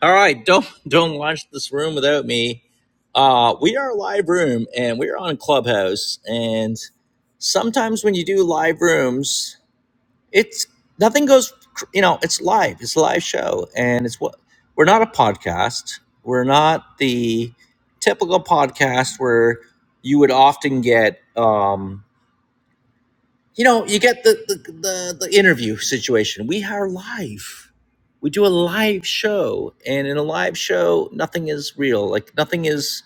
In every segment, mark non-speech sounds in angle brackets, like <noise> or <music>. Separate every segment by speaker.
Speaker 1: All right, don't don't watch this room without me. Uh, we are a live room, and we are on Clubhouse. And sometimes when you do live rooms, it's nothing goes. cr- You know, it's live. It's a live show, and it's what we're not a podcast. We're not the typical podcast where you would often get. Um, you know, you get the the, the the interview situation. We are live. We do a live show, and in a live show, nothing is real. Like nothing is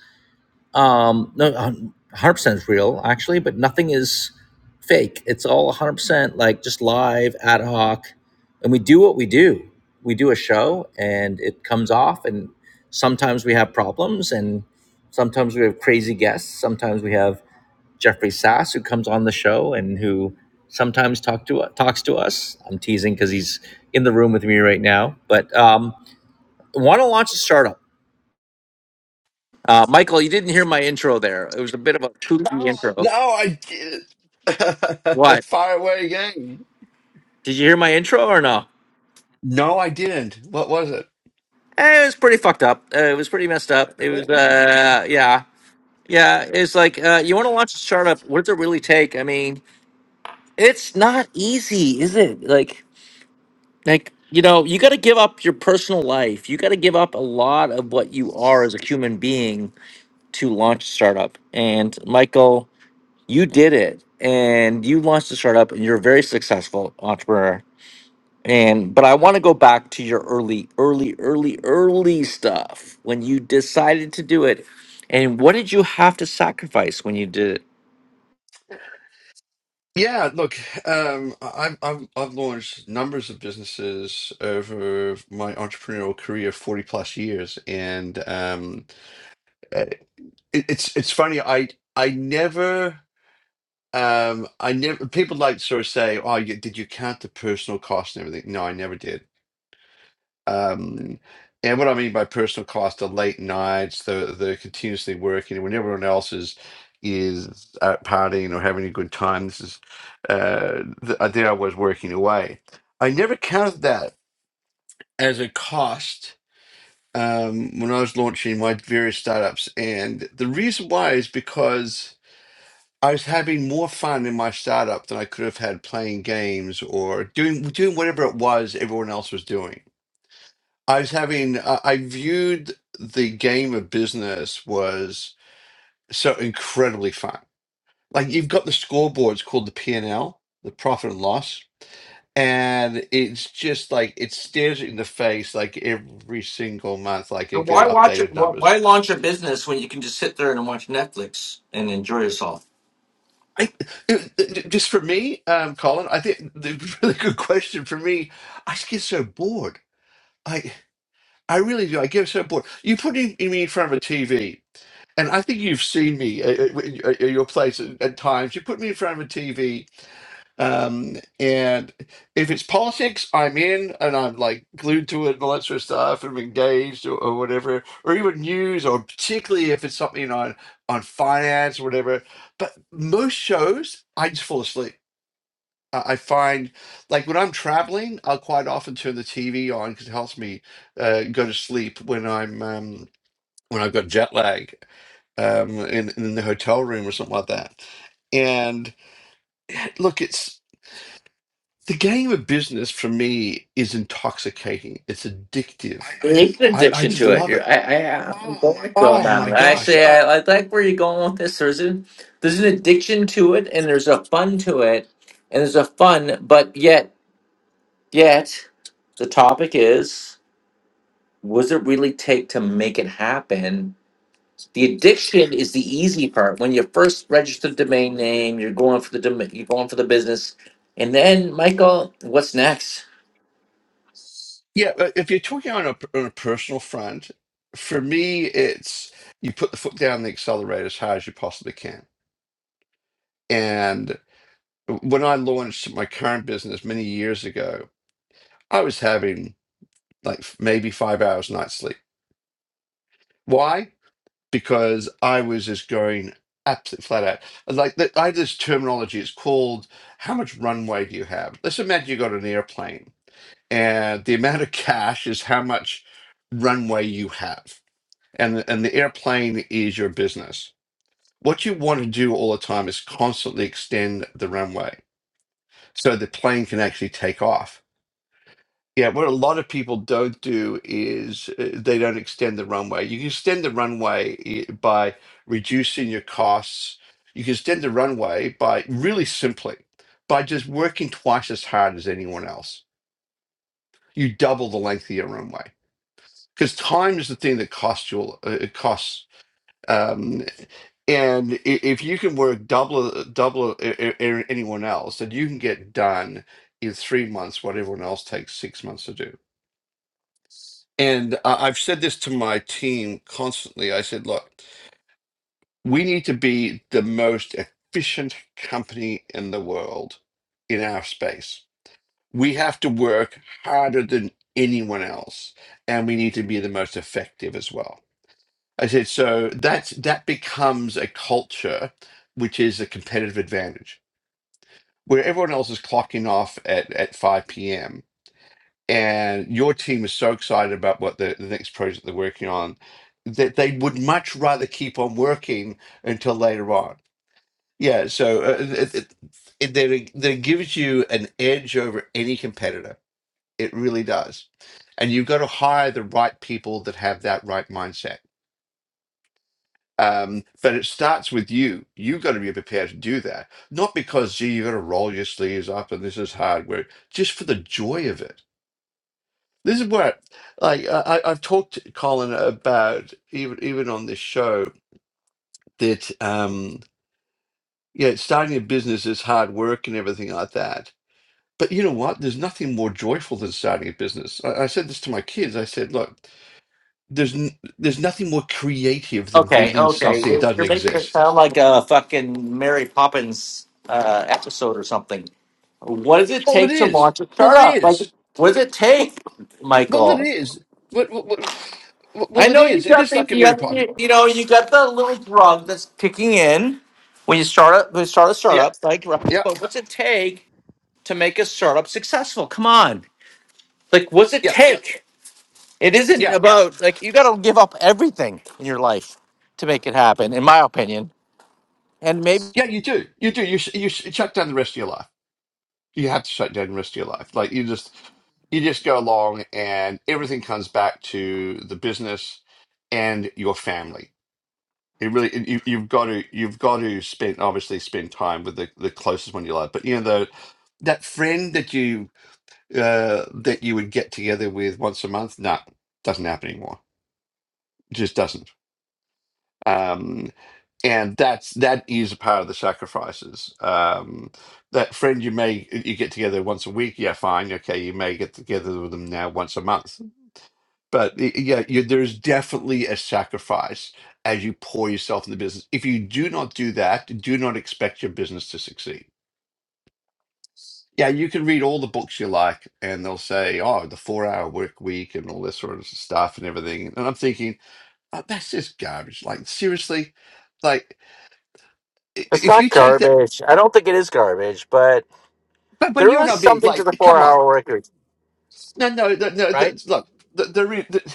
Speaker 1: um no one hundred percent is real actually, but nothing is fake. It's all one hundred percent like just live ad hoc, and we do what we do. We do a show, and it comes off, and sometimes we have problems, and sometimes we have crazy guests. Sometimes we have Jeffrey Sass, who comes on the show and who sometimes talk to talks to us. I'm teasing because he's in the room with me right now. But um, want to launch a startup. Uh, Michael, you didn't hear my intro there. It was a bit of a kooky No. intro.
Speaker 2: No, I didn't. <laughs>
Speaker 1: What?
Speaker 2: Fire away again.
Speaker 1: Did you hear my intro or no?
Speaker 2: No, I didn't. What was
Speaker 1: Eh, it was pretty fucked up. Uh, it was pretty messed up. It was,
Speaker 2: it?
Speaker 1: uh, yeah. Yeah, it's like uh, you want to launch a startup. What does it really take? I mean, it's not easy, is it? Like, Like, you know, you got to give up your personal life. You got to give up a lot of what you are as a human being to launch a startup. And Michael, you did it and you launched a startup and you're a very successful entrepreneur. And but I want to go back to your early, early, early, early stuff when you decided to do it. And what did you have to sacrifice when you did it?
Speaker 2: Yeah, look, um, I've, I've I've launched numbers of businesses over my entrepreneurial career, 40 plus years, and um, uh, it, it's it's funny. I I never um I never people like sort of say, oh, you, did you count the personal cost and everything? No, I never did. Um, and what I mean by personal cost are late nights, the the continuously working when everyone else is is out partying or having a good time. This is uh, the idea I was working away. I never counted that as a cost um, when I was launching my various startups, and the reason why is because I was having more fun in my startup than I could have had playing games or doing doing whatever it was everyone else was doing I was having, uh, I viewed the game of business was so incredibly fun. Like you've got the scoreboards called the P&L, the profit and loss, and it's just like it stares you in the face like every single month. Like I get
Speaker 1: Why watch? it?
Speaker 2: updated
Speaker 1: Why
Speaker 2: numbers.
Speaker 1: launch a business when you can just sit there and watch Netflix and enjoy yourself?
Speaker 2: I, it- it- just for me, um, Colin, I think the <laughs> really good question for me. I just get so bored. I I really do. I get so bored. You put in, me in front of a TV. And I think you've seen me at, at at your place at, at times. You put me in front of a TV, um, and if it's politics, I'm in and I'm like glued to it and all that sort of stuff, and I'm engaged or, or whatever, or even news, or particularly if it's something on on finance or whatever. But most shows, I just fall asleep. I I find, like when I'm traveling, I'll quite often turn the TV on because it helps me uh, go to sleep when I'm um, when I've got jet lag um, in in the hotel room or something like that. And look, it's the game of business for me is intoxicating. It's addictive.
Speaker 1: There's an
Speaker 2: I, I
Speaker 1: addiction
Speaker 2: just
Speaker 1: to it.
Speaker 2: love
Speaker 1: You're,
Speaker 2: it.
Speaker 1: I, I, I'm going on
Speaker 2: Oh my
Speaker 1: that.
Speaker 2: gosh.
Speaker 1: Actually,
Speaker 2: Uh,
Speaker 1: I, I like where you're going with this. There's an, there's an addiction to it, and there's a fun to it, and there's a fun, but yet, yet, the topic is: what does it really take to make it happen? The addiction is the easy part. When you first register the domain name, you're going for the domain, you're going for the business, and then Michael, what's next?
Speaker 2: yeah, uh, if you're talking on a, on a personal front, for me, it's you put the foot down on the accelerator as hard as you possibly can. And when I launched my current business many years ago, I was having like maybe five hours night sleep. Why? because I was just going absolutely flat out. Like that, I had this terminology. It's called how much runway do you have? Let's imagine you got an airplane, and the amount of cash is how much runway you have, and and the airplane is your business. What you want to do all the time is constantly extend the runway so the plane can actually take off yeah, what a lot of people don't do is uh, they don't extend the runway. You can extend the runway i- by reducing your costs. You can extend the runway by really simply by just working twice as hard as anyone else. You double the length of your runway because time is the thing that costs you. uh, It costs, um, and i- if you can work double uh, double uh, uh, uh, anyone else, then you can get done in three months what everyone else takes six months to do. And I- I've said this to my team constantly. I said, look, we need to be the most efficient company in the world in our space. We have to work harder than anyone else, and we need to be the most effective as well. I said, so that's that becomes a culture which is a competitive advantage. Where everyone else is clocking off at, at 5 p.m and your team is so excited about what the, the next project they're working on that they would much rather keep on working until later on. Yeah, so uh, it, it, it, that that gives you an edge over any competitor. It really does. And you've got to hire the right people that have that right mindset. Um, but it starts with you. You've got to be prepared to do that. Not because, gee, you've got to roll your sleeves up and this is hard work, just for the joy of it This is where, like, I, I- I've talked, Colin, about even even on this show that, um, yeah, starting a business is hard work and everything like that. But you know what? There's nothing more joyful than starting a business. I, I said this to my kids. I said, look, there's n there's nothing more creative than
Speaker 1: Okay,
Speaker 2: building
Speaker 1: okay.
Speaker 2: something that
Speaker 1: You're
Speaker 2: doesn't
Speaker 1: you're making it
Speaker 2: exist.
Speaker 1: sound like a fucking Mary Poppins uh, episode or something. What does it
Speaker 2: Well, it
Speaker 1: take to
Speaker 2: is.
Speaker 1: launch a
Speaker 2: Well, it
Speaker 1: startup? Like,
Speaker 2: is.
Speaker 1: what does it
Speaker 2: Well,
Speaker 1: take,
Speaker 2: well it
Speaker 1: Michael?
Speaker 2: is. Well, well, well,
Speaker 1: I
Speaker 2: well, it
Speaker 1: know you
Speaker 2: is. It
Speaker 1: got
Speaker 2: is
Speaker 1: the
Speaker 2: like a
Speaker 1: you
Speaker 2: mere
Speaker 1: got
Speaker 2: pond.
Speaker 1: the, you know you got the little drug that's kicking in when you start up when you start a
Speaker 2: Yeah,
Speaker 1: startup, like right?
Speaker 2: yeah,
Speaker 1: But what's it take to make a startup successful? Come on, like what's it
Speaker 2: yeah,
Speaker 1: take? It isn't
Speaker 2: yeah.
Speaker 1: about like you got to give up everything in your life to make it happen, in my opinion. And maybe.
Speaker 2: Yeah, you do. You do. You sh- you sh- shut down the rest of your life. You have to shut down the rest of your life. Like you just you just go along, and everything comes back to the business and your family. It really it- you, you've got to you've got to spend obviously spend time with the, the closest one you love. But you know the that friend that you uh that you would get together with once a month, no, doesn't happen anymore. It just doesn't. Um, and that's that is a part of the sacrifices um that friend you may you get together once a week yeah fine okay you may get together with them now once a month but y- yeah you, there's definitely a sacrifice as you pour yourself in the business if you do not do that do not expect your business to succeed yeah you can read all the books you like and they'll say oh the four hour work week and all this sort of stuff and everything and i'm thinking oh, that's just garbage like seriously like i-
Speaker 1: It's
Speaker 2: if
Speaker 1: not
Speaker 2: you take the
Speaker 1: garbage. I don't think it is garbage, but
Speaker 2: But but
Speaker 1: there
Speaker 2: you're
Speaker 1: is
Speaker 2: not being
Speaker 1: something to
Speaker 2: like,
Speaker 1: the
Speaker 2: come on,
Speaker 1: four-hour record,
Speaker 2: no no no. no
Speaker 1: right?
Speaker 2: the, look, the, the, re- the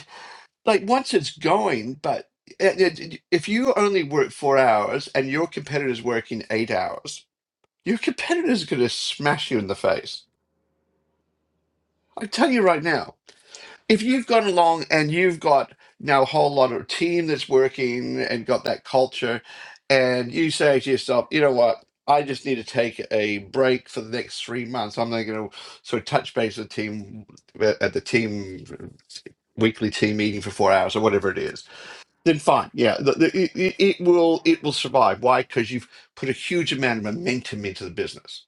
Speaker 2: like once it's going, but and it- if you only work four hours and your competitor's working eight hours, your competitor's going to smash you in the face. I tell you right now. if you've gone along and you've got now a whole lot of team that's working and got that culture, and you say to yourself, you know what, I just need to take a break for the next three months. I'm not going to sort of touch base with the team uh, at the team weekly team meeting for four hours or whatever it is. Then fine, yeah, the, the, it, it it will it will survive. Why? Because you've put a huge amount of momentum into the business.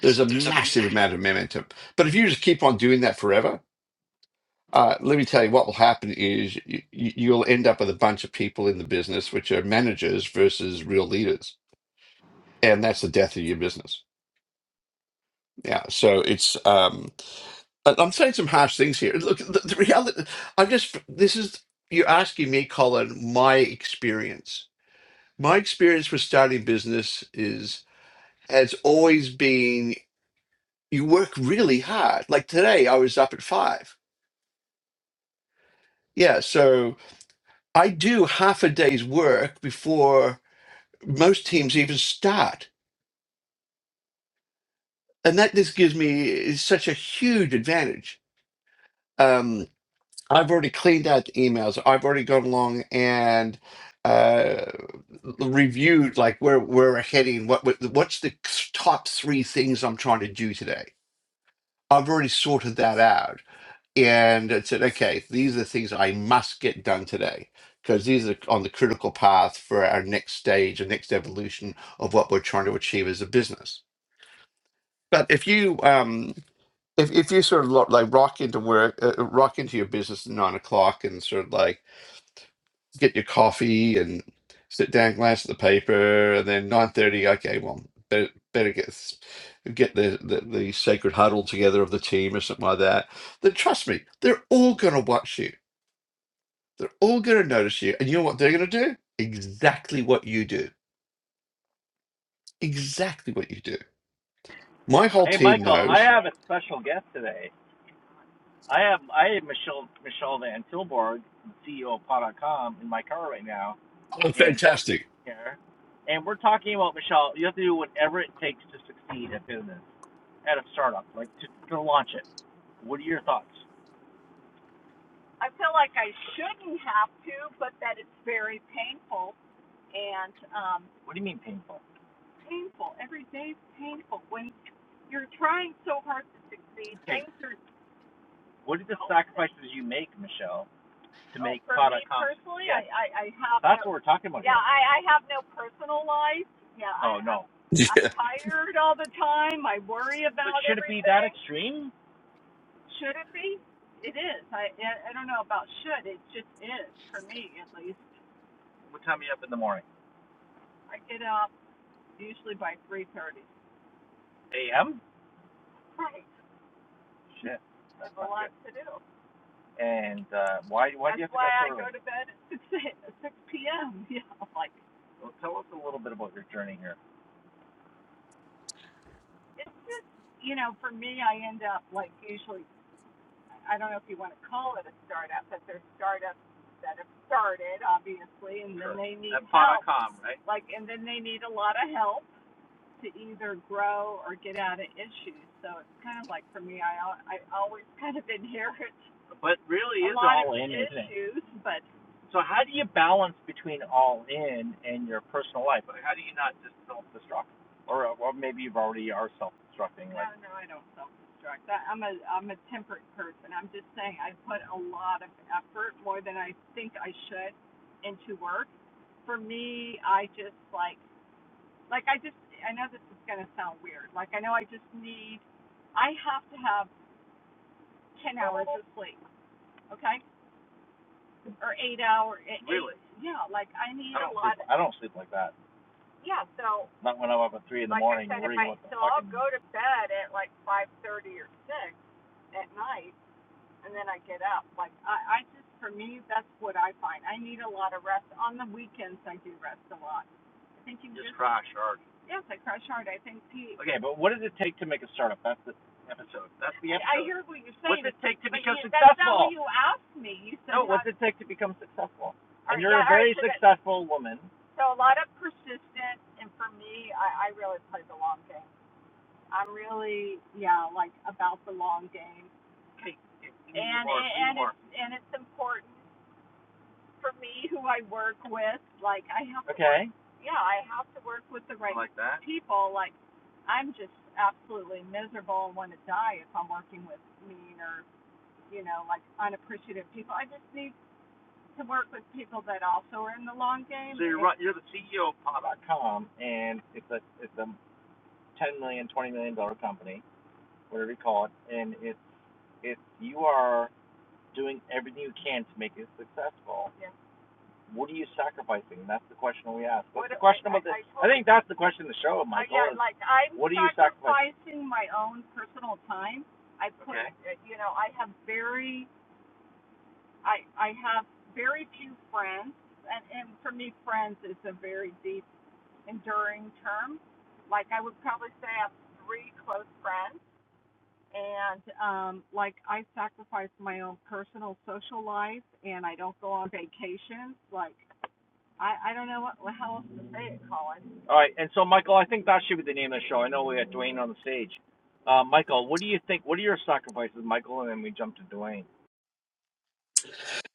Speaker 2: There's a massive amount of momentum. But if you just keep on doing that forever, uh, let me tell you what will happen is you, you'll end up with a bunch of people in the business which are managers versus real leaders, and that's the death of your business. Yeah, so it's um, I- I'm saying some harsh things here. Look, the, the reality. I'm just this is you're asking me, Colin, my experience. My experience with starting business is has always been you work really hard. Like today, I was up at five. Yeah, so I do half a day's work before. most teams even start. And that just gives me is such a huge advantage. Um, I've already cleaned out the emails. I've already gone along and uh, reviewed like where where we're heading. What what- what's the top three things I'm trying to do today? I've already sorted that out and it said, okay, these are the things I must get done today because these are on the critical path for our next stage, our next evolution of what we're trying to achieve as a business. But if you um, if if you sort of lo- like rock into work, uh, uh, rock into your business at nine o'clock, and sort of like get your coffee and sit down, glance at the paper, and then nine thirty. Okay, well, better, better get s- get the, the the sacred huddle together of the team or something like that. Then trust me, they're all gonna watch you. They're all gonna notice you, and you know what they're gonna do? Exactly what you do. Exactly what you do. My whole team knows. Oh, fantastic! <laughs> Yeah,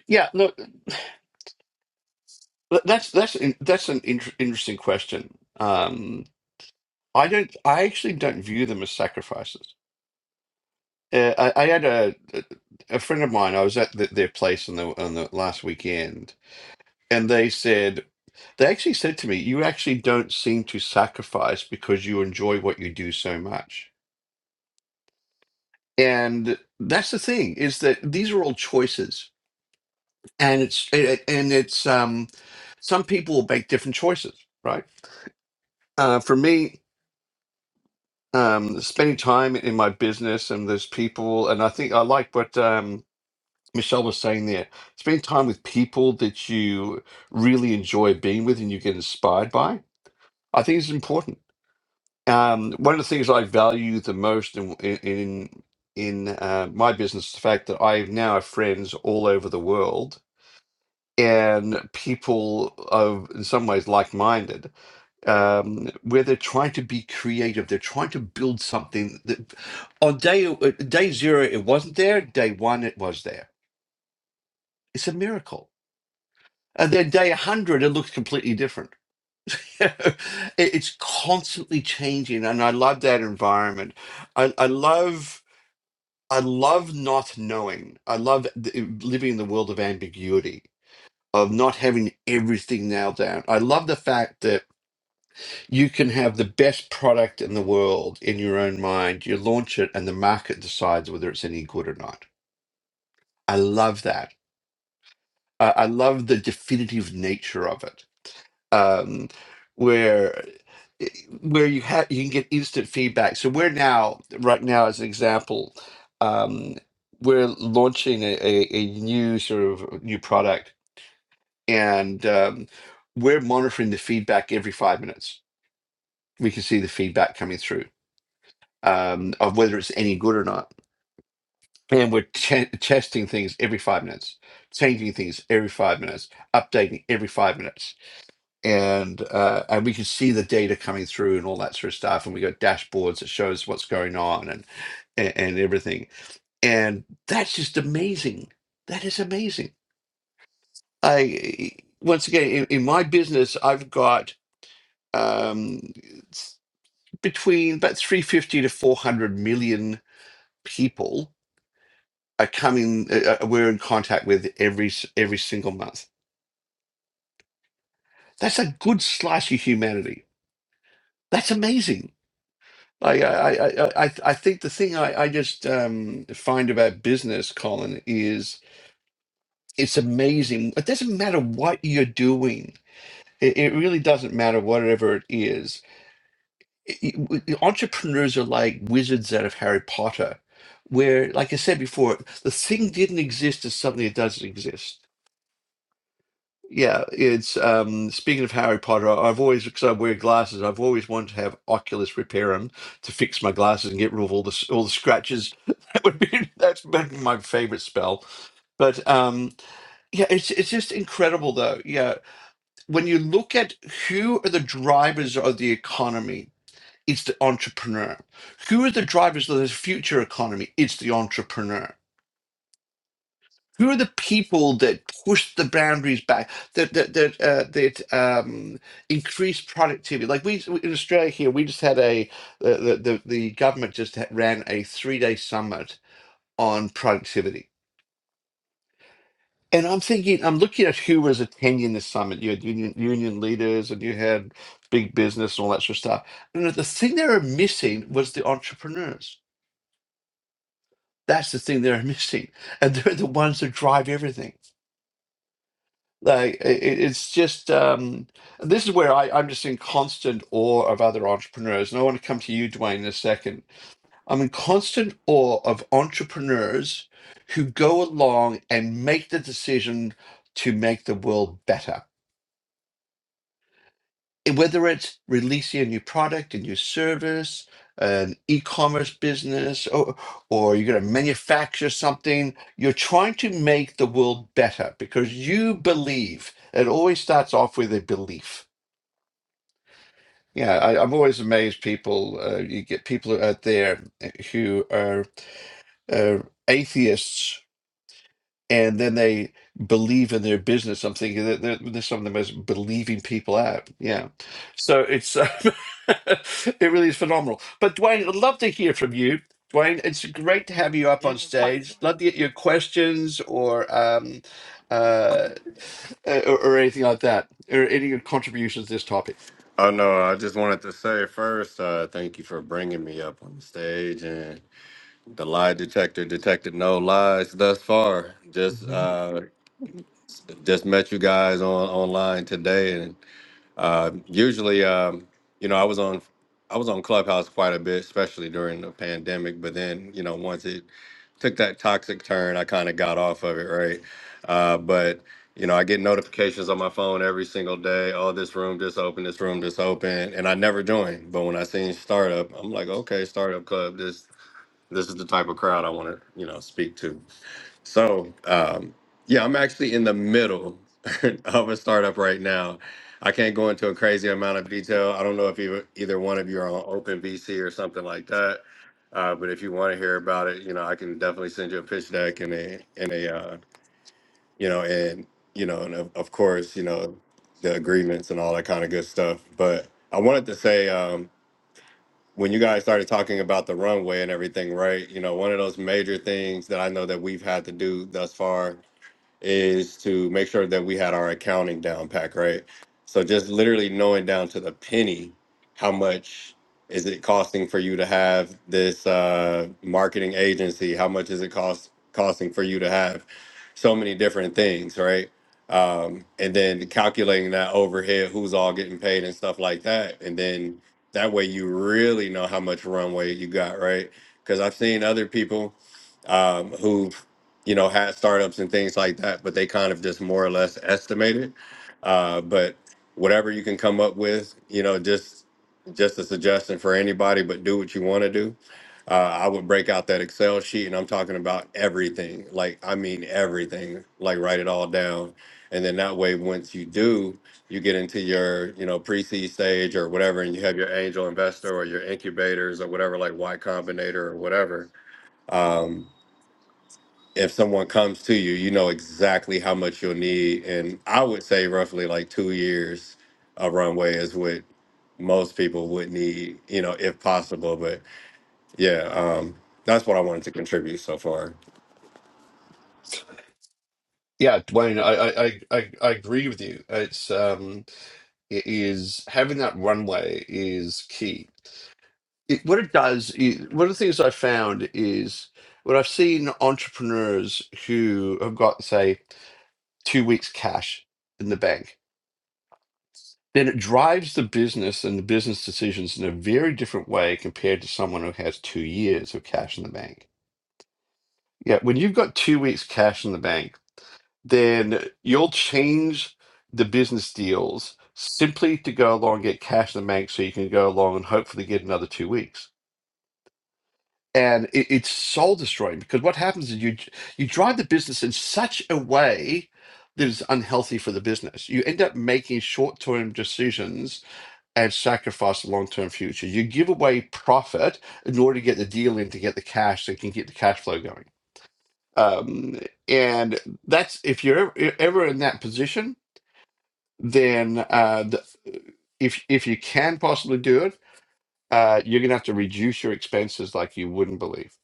Speaker 2: yeah. Look. Th- That's that's an- that's an inter interesting question. Um, I don't. I actually don't view them as sacrifices. Uh, I, I had a a friend of mine. I was at th their place on the on the last weekend, and they said they actually said to me, "You actually don't seem to sacrifice because you enjoy what you do so much." And that's the thing is that these are all choices, and it's and it's um, some people will make different choices, right? Uh, for me. um, spending time in my business and those people. And I think I like what um, Michelle was saying there. Spending time with people that you really enjoy being with and you get inspired by, I think is important. Um, one of the things I value the most in in in uh, my business is the fact that I now have friends all over the world and people of in some ways like-minded um, where they're trying to be creative. They're trying to build something that on day uh, day zero it wasn't there. Day one it was there. It's a miracle. And then day 100, it looks completely different. <laughs> It- it's constantly changing. And I love that environment. I, I love. I love not knowing. I love th- living in the world of ambiguity, of not having everything nailed down. I love the fact that you can have the best product in the world in your own mind. You launch it, and the market decides whether it's any good or not. I love that. I, I love the definitive nature of it, um, where eh, where you have you can get instant feedback. So we're now right now, as an example, um, we're launching a, a, a new sort of new product, and um, we're monitoring the feedback every five minutes. We can see the feedback coming through um, of whether it's any good or not. And we're ch- testing things every five minutes, changing things every five minutes, updating every five minutes, and uh, and we can see the data coming through and all that sort of stuff. And we got dashboards that shows what's going on and and, and everything. And that's just amazing. That is amazing. I once again in, in my business, I've got um, s- between about three hundred fifty to four hundred million people are coming uh, uh, we're in contact with every s- every single month. That's a good slice of humanity. That's amazing. I I I I, I I think the thing I, I just um, find about business, Colin, is it's amazing. It doesn't matter what you're doing. It, it really doesn't matter whatever it is. It- it- w- the entrepreneurs are like wizards out of Harry Potter, where, like I said before, the thing didn't exist is suddenly it doesn't exist Yeah, it's um speaking of Harry Potter, I- I've always because I wear glasses, I've always wanted to have Oculus repair them to fix my glasses and get rid of all the s- all the scratches. <laughs> That would be that's been my favorite spell. But um yeah, it's it's just incredible though. Yeah, when you look at who are the drivers of the economy, it's the entrepreneur. Who are the drivers of the future economy? It's the entrepreneur who are the people that push the boundaries back that that that, uh, that um, increase productivity like we in australia here we just had a the the, the the government just ha- ran a three-day summit on productivity and i'm thinking i'm looking at who was attending the summit you had union, union leaders and you had big business and all that sort of stuff and the thing they were missing was the entrepreneurs that's the thing they're <laughs> missing and they're the ones that drive everything Like it, it- it's just um, this is where I, I'm just in constant awe of other entrepreneurs, and I want to come to you, Dwayne, in a second. I'm in constant awe of entrepreneurs who go along and make the decision to make the world better it- whether it's releasing a new product, a new service, an e-commerce business, or, or you're going to manufacture something, you're trying to make the world better because you believe. It always starts off with a belief. Yeah, I, I'm always amazed. People, uh, you get people out there who are uh, atheists and then they believe in their business. I'm thinking that they're, they're some of the most believing people out. Yeah, so it's uh, <laughs> it really is phenomenal. But Dwayne, I'd love to hear from you. Dwayne, it's great to have you up on stage. Love to get your questions or um, uh, or, or anything like that, or any of your contributions to this topic.
Speaker 3: Oh no, I just wanted to say first, uh, thank you for bringing me up on stage, and the lie detector detected no lies thus far. Just
Speaker 2: Mhm.
Speaker 3: uh, just met you guys on online today, uh, usually, um, you know, I was on I was on Clubhouse quite a bit, especially during the pandemic. But then, you know, once it took that toxic turn, I kind of got off of it, right? Uh, but you know, I get notifications on my phone every single day. Oh, this room just open, this room just open, and I never join. But when I seen startup, I'm like, okay, startup club. This this is the type of crowd I want to, you know, speak to. So, um, yeah, I'm actually in the middle <laughs> of a startup right now. I can't go into a crazy amount of detail. I don't know if you, either one of you are on Open VC or something like that. Uh, but if you want to hear about it, you know, I can definitely send you a pitch deck and a and a uh, you know and you know and of, of course you know the agreements and all that kind of good stuff. But I wanted to say um, when you guys started talking about the runway and everything, right? You know, one of those major things that I know that we've had to do thus far is to make sure that we had our accounting down pack, right? So just literally knowing down to the penny, how much is it costing for you to have this uh, marketing agency? How much is it cost costing for you to have so many different things, right? Um, and then calculating that overhead, who's all getting paid and stuff like that, and then that way you really know how much runway you got, right? Because I've seen other people um, who've you know, had startups and things like that, but they kind of just more or less estimated. Uh, but whatever you can come up with, you know, just just a suggestion for anybody, but do what you want to do. Uh, I would break out that Excel sheet, and I'm talking about everything. Like I mean everything. Like write it all down, and then that way, once you do, you get into your you know pre-seed stage or whatever, and you have your angel investor or your incubators or whatever, like Y Combinator or whatever. Um, if someone comes to you, you know exactly how much you'll need. And I would say roughly like two years of runway is what most people would need, you know, if possible. But yeah, um, that's what I wanted to contribute so far.
Speaker 2: Yeah, Dwayne, I, I, I, I I agree with you. It's um, it is having that runway is key. it, what it does is one of the things I found is when I've seen entrepreneurs who have got say two weeks cash in the bank, then it drives the business and the business decisions in a very different way compared to someone who has two years of cash in the bank. Yeah, when you've got two weeks cash in the bank, then you'll change the business deals simply to go along and get cash in the bank so you can go along and hopefully get another two weeks and it, it's soul destroying because what happens is you you drive the business in such a way that is unhealthy for the business. You end up making short term decisions and sacrifice the long term future. You give away profit in order to get the deal in to get the cash so you can get the cash flow going. Um, and that's if you're ever, you're ever in that position, then uh, the, if if you can possibly do it, uh, you're gonna have to reduce your expenses like you wouldn't believe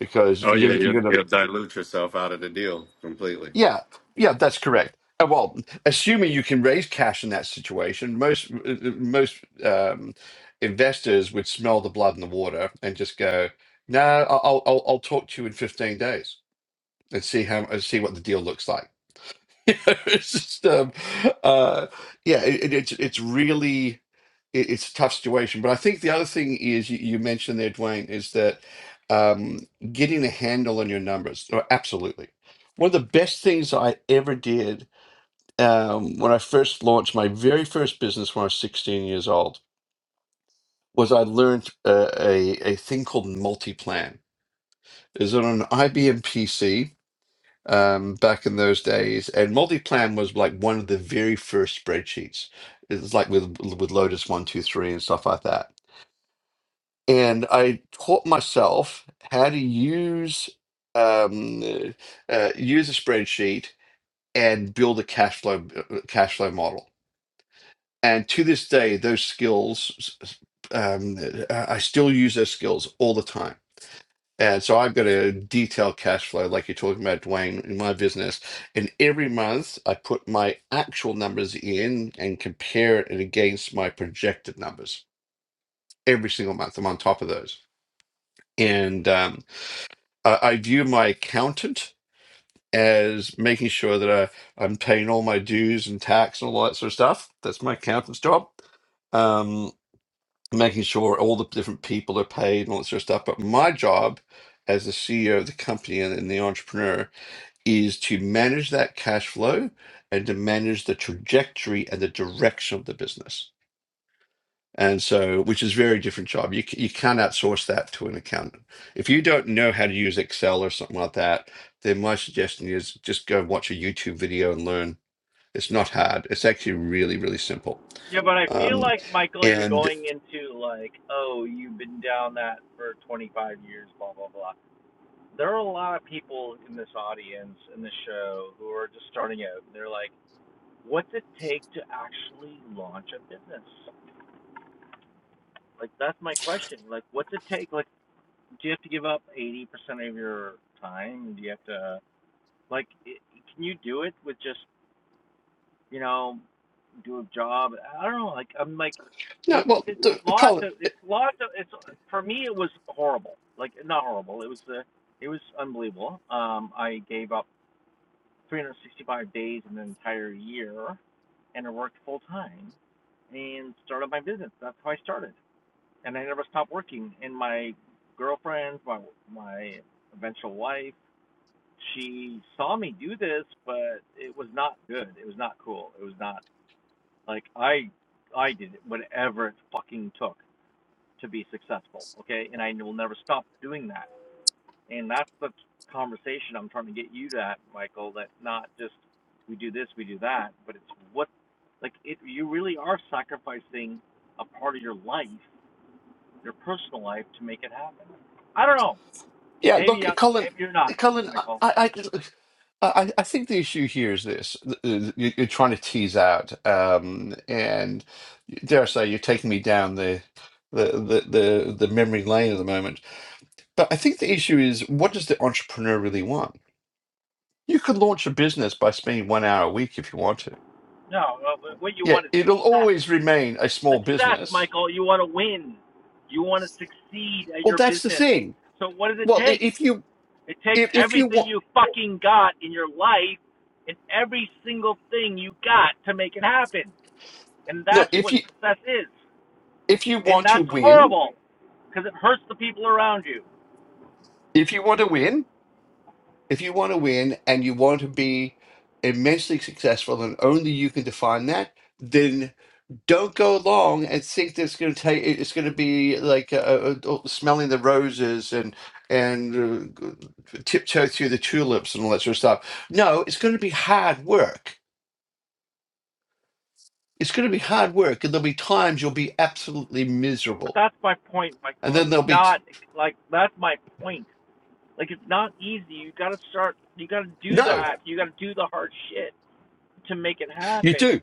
Speaker 2: because
Speaker 3: Oh
Speaker 2: you're
Speaker 3: yeah, you'll,
Speaker 2: you're gonna
Speaker 3: you'll dilute yourself out of the deal completely.
Speaker 2: Yeah, yeah, that's correct. Uh, Well, assuming you can raise cash in that situation, most uh, uh, most um, investors would smell the blood in the water and just go, "No, I'll I'll, I'll I'll talk to you in fifteen days and see how and see what the deal looks like." <laughs> it's just, um, uh, yeah, it, it- it's it's really it, it's a tough situation. But I think the other thing is you, you mentioned there, Dwayne, is that um, getting a handle on your numbers. Oh, absolutely. One of the best things I ever did um, when I first launched my very first business when I was 16 years old was I learned uh, a, a thing called multiplan. It was on an IBM PC um, back in those days, and multiplan was like one of the very first spreadsheets. It was like with with Lotus one two three and stuff like that and I taught myself how to use um, uh, uh, use a spreadsheet and build a cash flow uh, uh, cash flow model. And to this day, those skills um, uh, I still use those skills all the time. And so I've got a detailed cash flow, like you're talking about, Dwayne, in my business. And every month I put my actual numbers in and compare it against my projected numbers every single month. I'm on top of those. And um, I, I view my accountant as making sure that I, I'm paying all my dues and tax and all that sort of stuff. That's my accountant's job. Um, making sure all the different people are paid and all that sort of stuff. But my job as the CEO of the company and, and the entrepreneur is to manage that cash flow and to manage the trajectory and the direction of the business and so which is very different job you, c- you can't outsource that to an accountant if you don't know how to use excel or something like that then my suggestion is just go and watch a youtube video and learn it's not hard it's actually really really simple um, and no well the, colin yeah look colin colin i i i I I think the issue here is this: th- th- you- you're trying to tease out, um, and dare I say, you're taking me down the the the the, the memory lane at the moment But I think the issue is what does the entrepreneur really want? You could launch a business by spending one hour a week if you want to. Yeah, it'll always remain a small business. Well, that's the thing. Well, i- if you if, if you want no, if you if you want to win, if you want to win, if you want to win and you want to be immensely successful and only you can define that, then. don't go along and think that's going to take it- it's going to be like uh, uh, uh, oh, smelling the roses and and uh, g- tiptoe through the tulips and all that sort of stuff no it's going to be hard work it's going to be hard work and there'll be times you'll be absolutely miserable and then there'll be t- no you do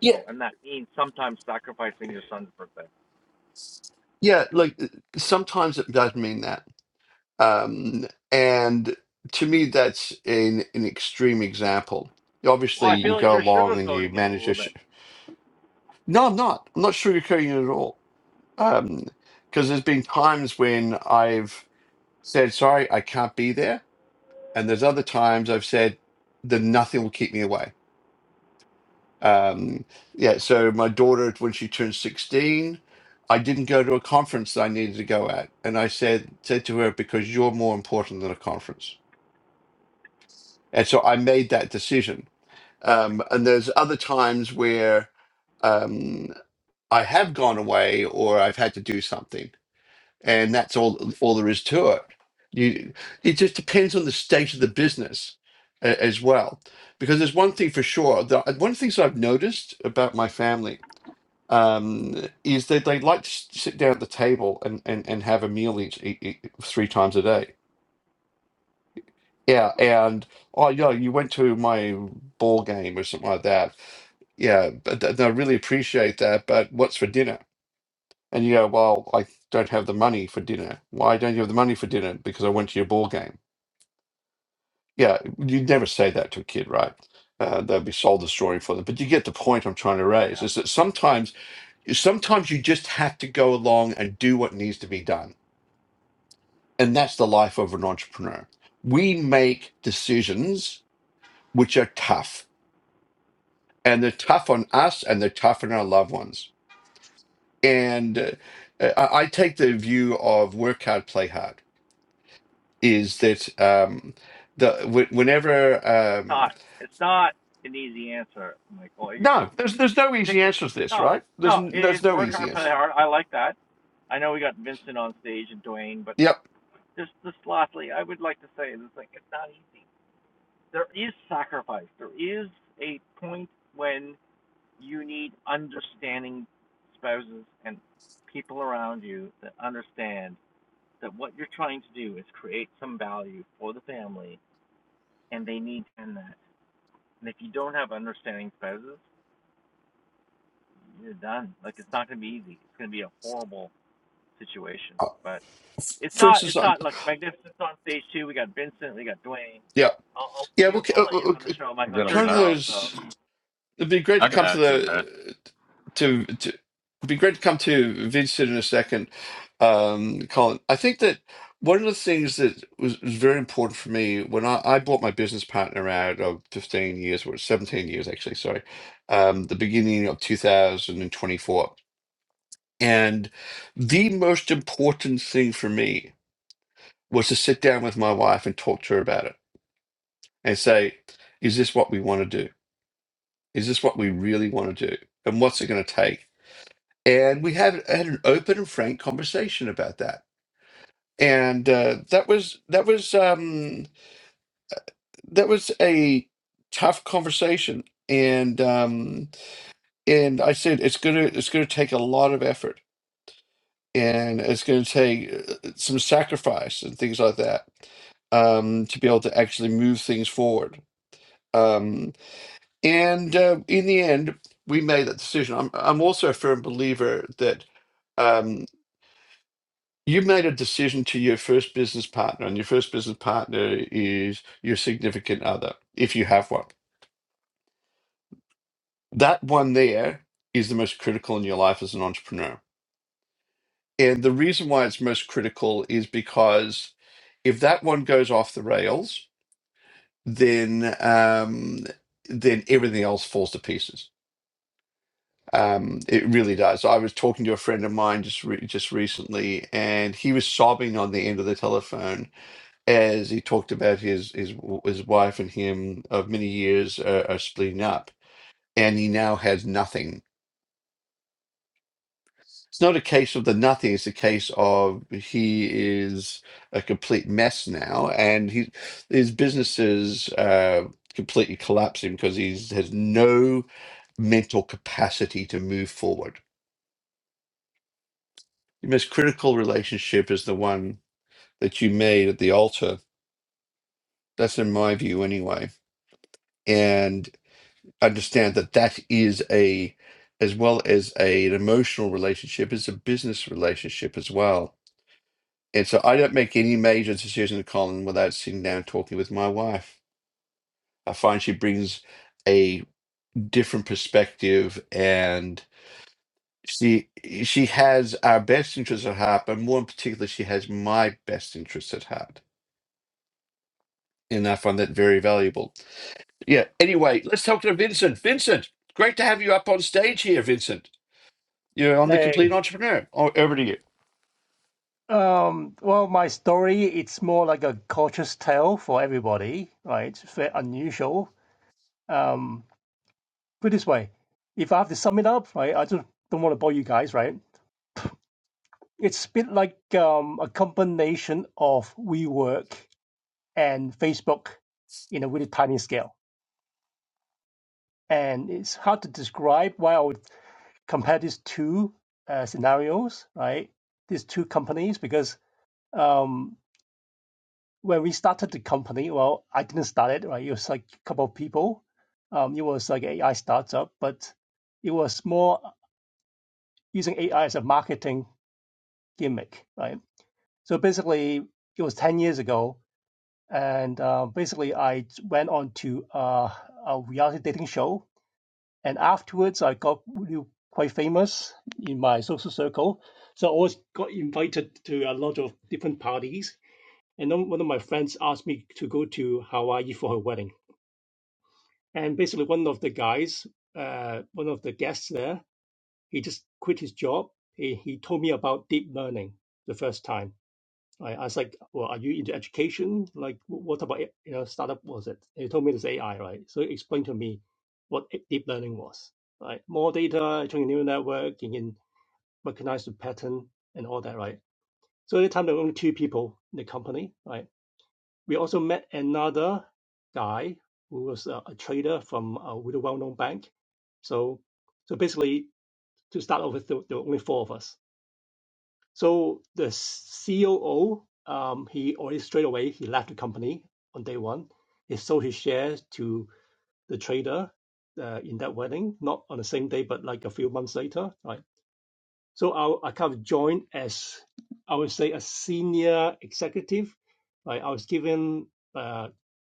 Speaker 2: yeah yeah like uh, sometimes it does mean that um and to me that's an an extreme example obviously you go along and you manage your No, I'm not. I'm not sugarcoating it at all. Um, because there's been times when I've said, sorry, I can't be there. And there's other times I've said that nothing will keep me away. Um, yeah, so my daughter, when she turned 16, I didn't go to a conference that I needed to go at. And I said, said to her, because you're more important than a conference. And so I made that decision. Um, and there's other times where um, I have gone away or I've had to do something and that's all all there is to it. You, it just depends on the state of the business a- as well, because there's one thing for sure. The, one of the things that I've noticed about my family um, is that they like to s- sit down at the table and, and, and have a meal each e e- three times a day. Yeah, and oh yeah, you went to my ball game or something like that. Yeah, but th- I really appreciate that. But what's for dinner? And you go, well, I don't have the money for dinner. Why don't you have the money for dinner? Because I went to your ball game. Yeah, you'd never say that to a kid, right? Uh, they'd be soul destroying for them. But you get the point I'm trying to raise is that sometimes, sometimes you just have to go along and do what needs to be done. And that's the life of an entrepreneur. We make decisions which are tough, and they're tough on us and they're tough on our loved ones. And uh, I I take the view of work hard, play hard is that um, the wh- whenever um, no, there's there's no easy answer to this, right? There's n- there's no easy answer. Yep. Uh, For instance, um, yeah, yeah. Well, c- uh, uh, uh,
Speaker 3: Get them
Speaker 2: kind of
Speaker 3: back.
Speaker 2: those. It'd be great
Speaker 3: I
Speaker 2: to
Speaker 3: could
Speaker 2: come to
Speaker 3: add to that.
Speaker 2: the to to it'd be great to come to Vincent in a second, um, Colin. I think that one of the things that was, was very important for me when I, I bought my business partner out of 15 years, or 17 years actually, sorry, um, the beginning of 2024. And twenty-four. And the most important thing for me was to sit down with my wife and talk to her about it and say, is this what we want to do? Is this what we really want to do? And what's it going to take? and we had had an open and frank conversation about that and uh, that was that was um that was a tough conversation and um and i said it's gonna it's gonna take a lot of effort and it's gonna take uh, uh, some sacrifice and things like that um to be able to actually move things forward um and uh, in the end we made that decision i'm i'm also a firm believer that Um, you made a decision to your first business partner, and your first business partner is your significant other, if you have one. That one there is the most critical in your life as an entrepreneur. And the reason why it's most critical is because if that one goes off the rails, then um, then everything else falls to pieces. Um, it really does. I was talking to a friend of mine just re- just recently, and he was sobbing on the end of the telephone as he talked about his his his wife and him of many years uh, are splitting up, and he now has nothing. It's not a case of the nothing; it's a case of he is a complete mess now, and he his businesses uh, completely collapsing because he has no mental capacity to move forward. The most critical relationship is the one that you made at the altar. That's in my view, anyway and. understand that that is a as well as a, an emotional relationship is a business relationship as well and so i don't make any major decision colin without sitting down and talking with my wife i find she brings a different perspective and she she has our best interests at heart but more in particular she has my best interests at heart and i find that very valuable yeah anyway let's talk to vincent vincent great to have you up on stage here vincent You're on the
Speaker 4: Hey,
Speaker 2: complete entrepreneur. O- Over to you.
Speaker 4: um, well, my story, it's more like a cautious tale for everybody, right? It's very unusual. Um, put it this way, if I have to sum it up, right, I just don't want to bore you guys, right? It's a bit like um, a combination of WeWork and Facebook in a really tiny scale. And it's hard to describe why I would compare these two uh, scenarios, right? These two companies, because um, when we started the company, well, I didn't start it, right? It was like a couple of people. Um, it was like AI startup, but it was more using AI as a marketing gimmick, right? So basically, it was 10 years ago. And uh, basically, I went on to uh, a reality dating show. And afterwards, I got really quite famous in my social circle. So I always got invited to a lot of different parties. And then one of my friends asked me to go to Hawaii for her wedding And basically, one of the guys, uh, one of the guests there, he just quit his job. He, he told me about deep learning the first time. I, I was like, "Well, are you into education? Like, wh- what about it? you know startup was it?" He told me it's AI, right? So he explained to me what i- deep learning was, right? More data, training neural network, you can recognize the pattern and all that, right? So at the time there were only two people in the company, right? We also met another guy who was a, a trader from a really well-known bank. So, so basically, to start off with, there, there were only four of us. So the COO, um, he already straight away he left the company on day one. He sold his shares to the trader uh, in that wedding, not on the same day, but like a few months later, right? So I, I kind of joined as, I would say, a senior executive. Like I was given uh,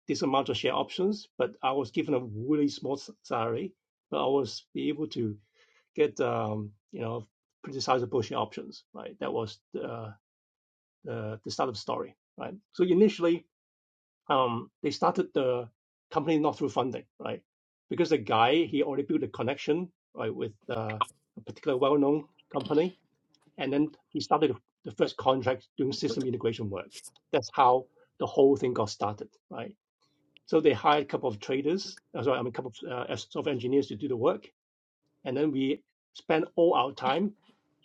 Speaker 4: this amount of share options, but I was given a really small salary, but I was be able to get, um, you know, pretty sizable share options, right? That was the, the, the start of the story, right? So initially, um, they started the company not through funding, right? Because the guy, he already built a connection, right, with uh, a particular well-known company and then he started the first contract doing system integration work. That's how the whole thing got started, right? So they hired a couple of traders, uh, sorry, I mean, a couple of uh, software engineers to do the work, and then we spent all our time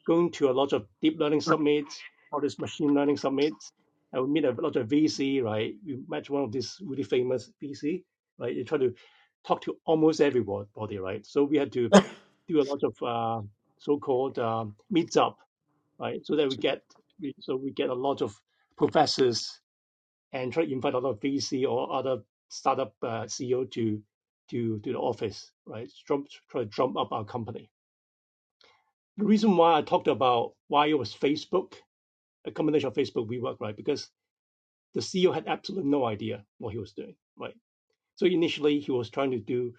Speaker 4: going to a lot of deep learning summits, all these machine learning summits, and we meet a lot of VC, right? We met one of these really famous VC, right? You try to talk to almost everybody, right? So we had to do a lot of uh, so-called um meets up right? So that we get so we get a lot of professors and try to invite a lot of VC or other startup uh, CEO to to to the office, right? Trump, try to drum up our company. The reason why I talked about why it was Facebook, a combination of Facebook WeWork, right? Because the CEO had absolutely no idea what he was doing, right? So initially he was trying to do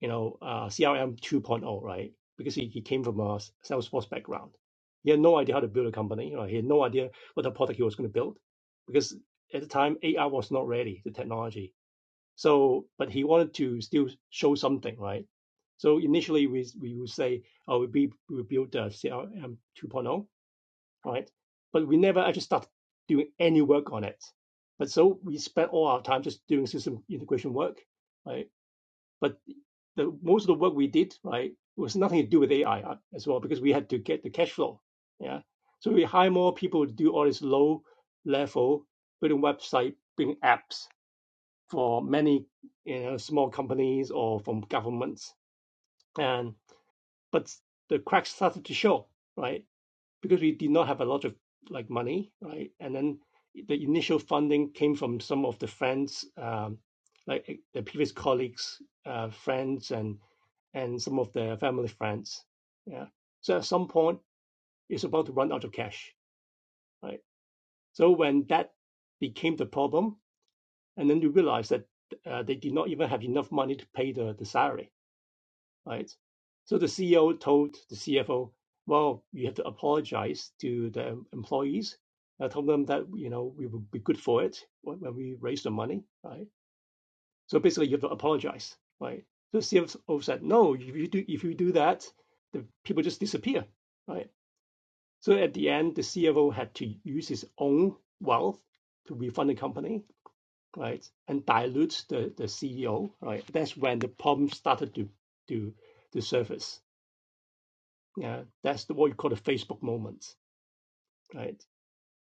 Speaker 4: you know, uh, CRM 2.0, right? Because he, he came from a Salesforce background. He had no idea how to build a company. You know, he had no idea what the product he was going to build because at the time, AI was not ready, the technology. So, but he wanted to still show something, right? So initially, we we would say, oh, we, we built the CRM 2.0, right? But we never actually started doing any work on it. But so we spent all our time just doing system integration work, right? But the most of the work we did, right, was nothing to do with AI uh, as well because we had to get the cash flow. Yeah. So we hire more people to do all this low level building website, building apps for many you know small companies or from governments. And but the cracks started to show, right? Because we did not have a lot of like money, right? And then the initial funding came from some of the friends, um, like eh, the previous colleagues, uh, friends, and and some of their family friends. Yeah. So at some point, it's about to run out of cash, right? So when that became the problem, and then you realize that uh, they did not even have enough money to pay the, the salary, right? So the CEO told the CFO, well, you have to apologize to the employees. I told them that, you know, we will be good for it when when we raise the money, right? So basically, you have to apologize, right? So CFO said, no, if you do, if you do that, the people just disappear, right? So at the end, the CFO had to use his own wealth to refund the company, right, and dilute the, the CEO, right? That's when the problem started to to to surface. Yeah, that's the, what you call the Facebook moment, right?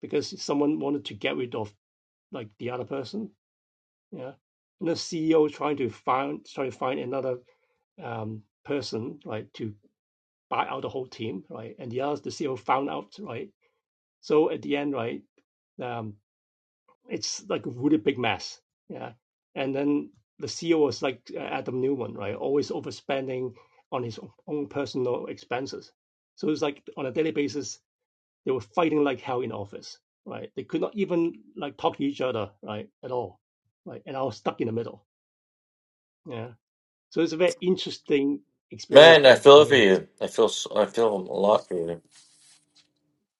Speaker 4: Because someone wanted to get rid of like the other person, yeah, and the CEO trying to find trying to find another um, person, right, to buy out the whole team, right? And the others, the CEO found out, right? So at the end, right, um, it's like a really big mess, yeah. And then the CEO was like uh, Adam Newman, right? Always overspending on his own personal expenses. So it's like on a daily basis, they were fighting like hell in office, right? They could not even like talk to each other, right, at all, right? And I was stuck in the middle, yeah. So it's a very interesting experience
Speaker 1: Man, I
Speaker 4: for,
Speaker 1: feel
Speaker 4: for
Speaker 1: for
Speaker 4: me.
Speaker 1: you. I feel s- I feel a lot for you.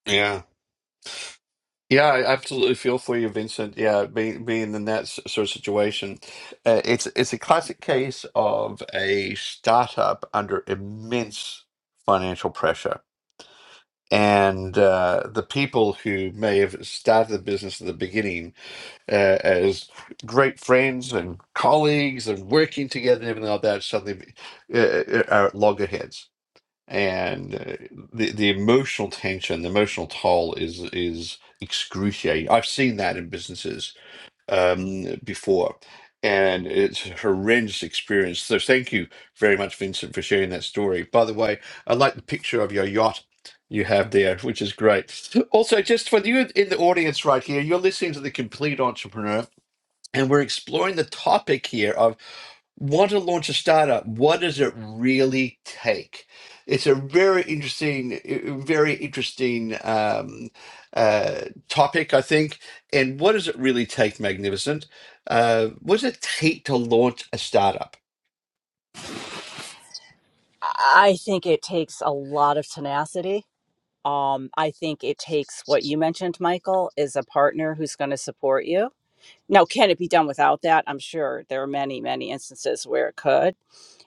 Speaker 2: Yeah. Yeah, I absolutely feel for you, Vincent. Yeah, being being in that s- sort of situation, uh, it's it's a classic case of a startup under immense financial pressure, and uh, the people who may have started the business at the beginning uh, as great friends and colleagues and working together and everything like that suddenly uh, uh, are at loggerheads and uh, the the emotional tension, the emotional toll is is excruciating. I've seen that in businesses um, before, and it's a horrendous experience. So thank you very much, Vincent, for sharing that story. By the way, I like the picture of your yacht you have there, which is great. Also, just for you in the audience right here, you're listening to the Complete Entrepreneur. And we're exploring the topic here of want to launch a startup, what does it really take? It's a very interesting, uh, very interesting um, uh, topic, I think. And what does it really take, Magnificent? Uh, what does it take to launch a startup?
Speaker 5: I think it takes a lot of tenacity. Um, I think it takes what you mentioned, Michael, is a partner who's going to support you. Now, can it be done without that? I'm sure there are many, many instances where it could.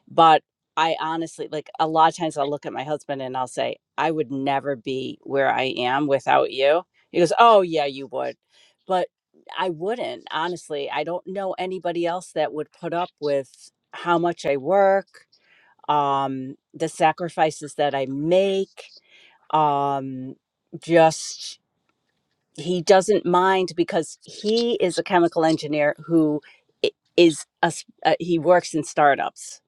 Speaker 5: But I honestly, like a lot of times I'll look at my husband and I'll say, I would never be where I am without you. He goes, Oh, yeah, you would. But I wouldn't, honestly. I don't know anybody else that would put up with how much I work, um, the sacrifices that I make. Um, just he doesn't mind because he is a chemical engineer who i- is a, s- uh, he works in startups.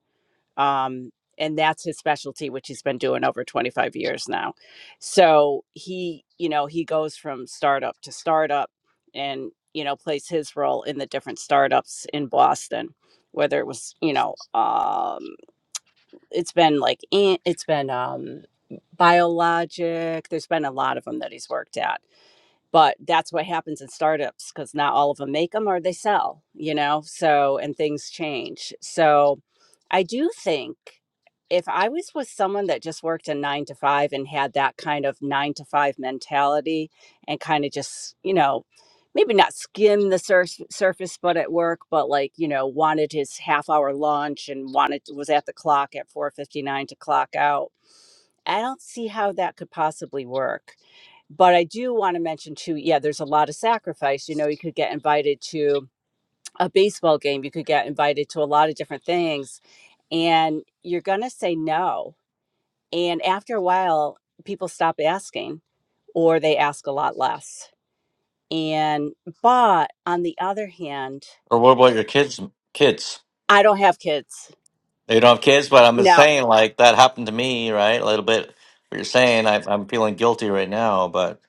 Speaker 5: Um, and that's his specialty, which he's been doing over 25 years now. So he, you know, he goes from startup to startup and, you know, plays his role in the different startups in Boston, whether it was, you know, um, it's been like an- it's been um biologic there's been a lot of them that he's worked at but that's what happens in startups because not all of them make them or they sell you know so and things change so i do think if i was with someone that just worked a nine to five and had that kind of nine to five mentality and kind of just you know maybe not skim the sur- surface but at work but like you know wanted his half hour lunch and wanted was at the clock at 4.59 to clock out I don't see how that could possibly work. But I do want to mention too, yeah, there's a lot of sacrifice. You know, you could get invited to a baseball game, you could get invited to a lot of different things, and you're going to say no. And after a while, people stop asking or they ask a lot less. And, but on the other hand,
Speaker 1: Or what about your kids? Kids?
Speaker 5: I don't have kids.
Speaker 1: You don't have kids, but I'm just
Speaker 5: No.
Speaker 1: saying, like that happened to me, right? A little bit. What you're saying, I, I'm feeling guilty right now, but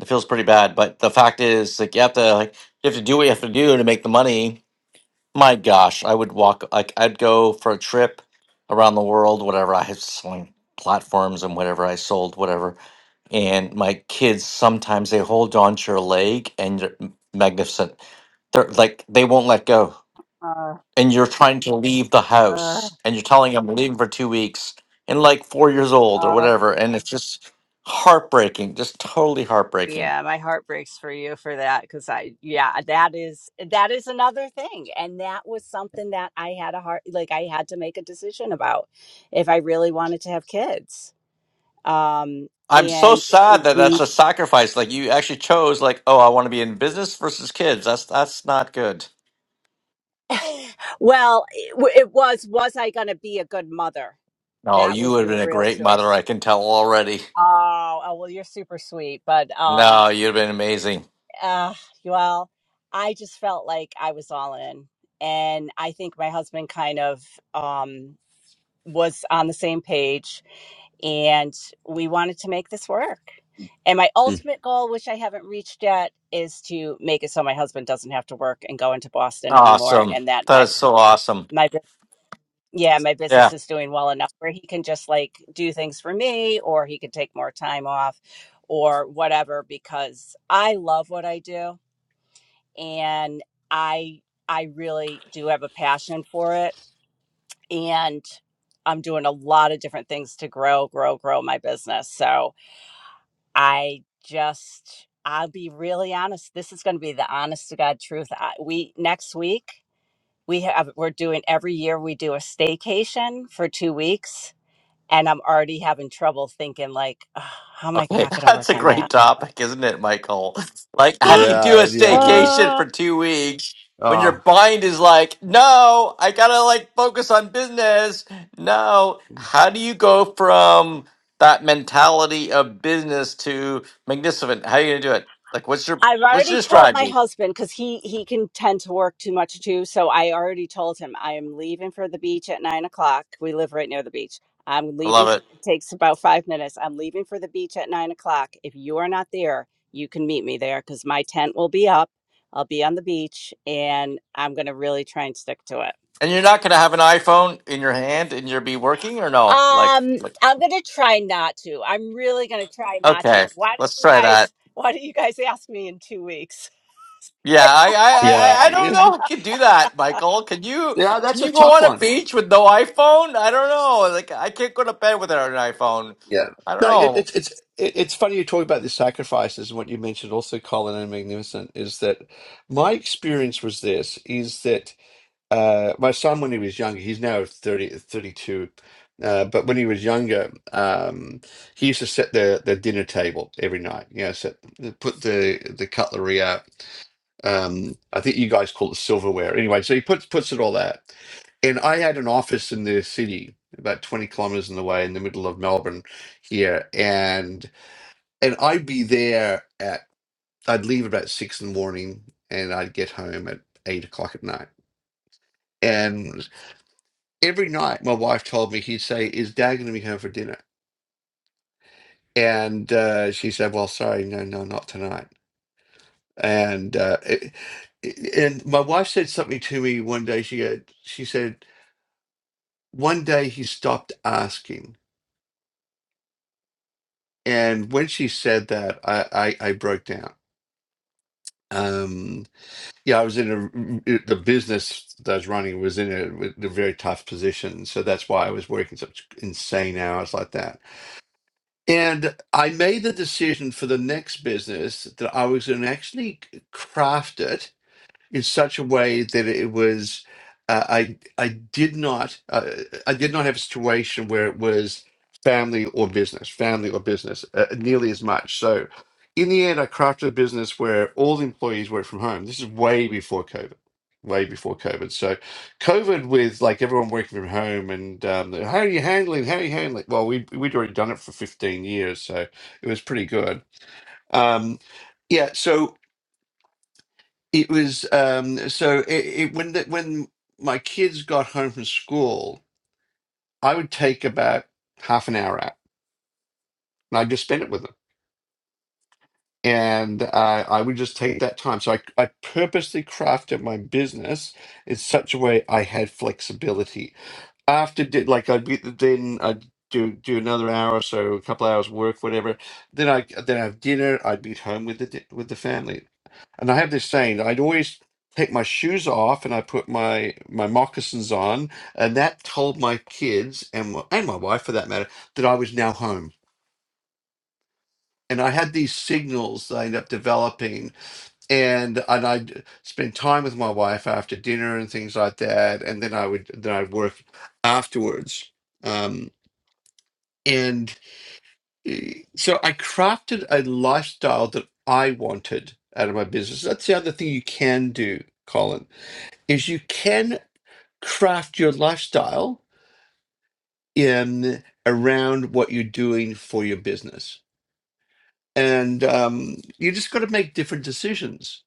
Speaker 1: it feels pretty bad. But the fact is, like you have to, like you have to do what you have to do to make the money, My gosh, I would walk like I'd go for a trip around the world, whatever. I had selling platforms and whatever I sold, whatever. And my kids sometimes they hold on to your leg and you're m- magnificent. They're like they won't let go.
Speaker 5: Uh,
Speaker 1: And you're trying to leave the
Speaker 5: uh,
Speaker 1: house and you're telling them "I'm leaving for two weeks and like four years old or
Speaker 5: uh.
Speaker 1: whatever. And it's just heartbreaking, just totally heartbreaking.
Speaker 5: Yeah, my heart breaks for you for that because I, yeah, that is that is another thing, and that was something that I had a heart like I had to make a decision about if I really wanted to have kids. Um,
Speaker 1: I'm so
Speaker 5: and
Speaker 1: sad that that's
Speaker 5: we,
Speaker 1: a sacrifice. Like you actually chose, like, oh, I want to be in business versus kids. That's that's not good.
Speaker 5: <laughs> well, it, w- it was was I going to be a good mother?
Speaker 1: No,
Speaker 5: That
Speaker 1: you
Speaker 5: was
Speaker 1: would have
Speaker 5: the
Speaker 1: been a
Speaker 5: real
Speaker 1: great mother.
Speaker 5: choice.
Speaker 1: I can tell already.
Speaker 5: Oh, oh well, you're super sweet, but um,
Speaker 1: No, you'd have been amazing.
Speaker 5: uh, well, I just felt like I was all in, and I think my husband kind of um was on the same page and we wanted to make this work. And my
Speaker 2: Mm.
Speaker 5: ultimate goal, which I haven't reached yet, is to make it so my husband doesn't have to work and go into Boston anymore,
Speaker 1: Awesome.
Speaker 5: and that
Speaker 1: That
Speaker 5: my
Speaker 1: is so awesome.
Speaker 5: my bu- yeah my
Speaker 1: Yeah.
Speaker 5: business is doing well enough where he can just like do things for me, or he can take more time off, or whatever. Because I love what I do, and I I really do have a passion for it and I'm doing a lot of different things to grow, grow, grow my business. So I just, I'll be really honest. This is going to be the honest to God truth. I, we next week we have we're doing every year we do a staycation for two weeks, and I'm already having trouble thinking like, "Ugh, how am I
Speaker 1: Okay,
Speaker 5: not
Speaker 1: <laughs>
Speaker 5: going to
Speaker 1: that's
Speaker 5: work
Speaker 1: a
Speaker 5: on
Speaker 1: great
Speaker 5: that?
Speaker 1: topic, isn't it, Michael? Like, how do
Speaker 5: <gasps>
Speaker 1: you do a
Speaker 2: Yeah, yeah, it is.
Speaker 1: staycation
Speaker 5: Oh,
Speaker 1: for two weeks when your
Speaker 2: Ah,
Speaker 1: mind is like, no, I gotta like focus on business? No, how do you go from that mentality of business to magnificent? How are you gonna do it? Like, what's your
Speaker 5: I've
Speaker 1: what's
Speaker 5: already
Speaker 1: your
Speaker 5: told my
Speaker 1: strategy?
Speaker 5: husband because he he can tend to work too much too. So I already told him I am leaving for the beach at nine o'clock. We live right near the beach. I'm
Speaker 1: I
Speaker 5: leaving.
Speaker 1: love
Speaker 5: For,
Speaker 1: it.
Speaker 5: it takes about five minutes. I'm leaving for the beach at nine o'clock. If you are not there, you can meet me there because my tent will be up. I'll be on the beach, and I'm gonna really try and stick to it.
Speaker 1: And you're not gonna have an iPhone in your hand and you'll be working or no? Like,
Speaker 5: Um,
Speaker 1: like,
Speaker 5: I'm gonna try not to. I'm really gonna try not
Speaker 1: okay,
Speaker 5: to. Why don't
Speaker 1: let's
Speaker 5: you
Speaker 1: try that.
Speaker 5: guys? Why don't you guys ask me in two weeks?
Speaker 1: Yeah, I, I,
Speaker 2: yeah,
Speaker 1: I,
Speaker 2: <laughs>
Speaker 1: I don't
Speaker 2: yeah,
Speaker 1: know if I can do that, Michael. Can you
Speaker 2: yeah.
Speaker 1: can
Speaker 2: That's a
Speaker 1: you go
Speaker 2: tough
Speaker 1: on a
Speaker 2: one.
Speaker 1: beach with no iPhone? I don't know. Like I can't go to bed without an iPhone.
Speaker 2: Yeah.
Speaker 1: I don't
Speaker 2: No, it,
Speaker 1: know.
Speaker 2: it's it's it, it's funny you talk about the sacrifices and what you mentioned also, Colin and Magnificent, is that my experience was this, is that uh, my son, when he was younger, he's now 30 32, uh, but when he was younger, um, he used to set the, the dinner table every night, you know, set, put the, the cutlery out um, I think you guys call it silverware. Anyway, so he puts puts it all out. And I had an office in the city, about 20 kilometers in the way, in the middle of Melbourne here. And and I'd be there at I'd leave about six in the morning and I'd get home at eight o'clock at night. And every night my wife told me he'd say, Is Dad gonna be home for dinner? And uh, she said, Well, sorry, no, no, not tonight. And uh, it, and my wife said something to me one day. She go, she said, one day he stopped asking. And when she said that, I, I, I broke down. Um, yeah, I was in a, mm, the business that I was running was in a, a very tough position. So that's why I was working such insane hours like that. And I made the decision for the next business that I was going to actually craft it in such a way that it was uh, I I did not uh, I did not have a situation where it was family or business, family or business uh, nearly as much. So in the end, I crafted a business where all the employees work from home. This is way before COVID. Way before COVID, so COVID with like everyone working from home and um, the, how are you handling? How are you handling? Well, we we'd already done it for fifteen years, so it was pretty good. Um, yeah, so it was um, so it, it when the, when my kids got home from school, I would take about half an hour out, and I just spend it with them, and uh, I would just take that time. So I I purposely crafted my business in such a way I had flexibility. After did like I'd be then I'd do do another hour or so, a couple hours work, whatever. Then I then I have dinner. I'd be at home with the di- with the family. And I have this saying, I'd always take my shoes off and I put my my moccasins on, and that told my kids and my- and my wife for that matter that I was now home. And I had these signals that I ended up developing, and and I'd spend time with my wife after dinner and things like that, and then I would then I'd work afterwards. Um, and eh, so I crafted a lifestyle that I wanted out of my business. That's the other thing you can do, Colin is you can craft your lifestyle in around what you're doing for your business and um, you just got to make different decisions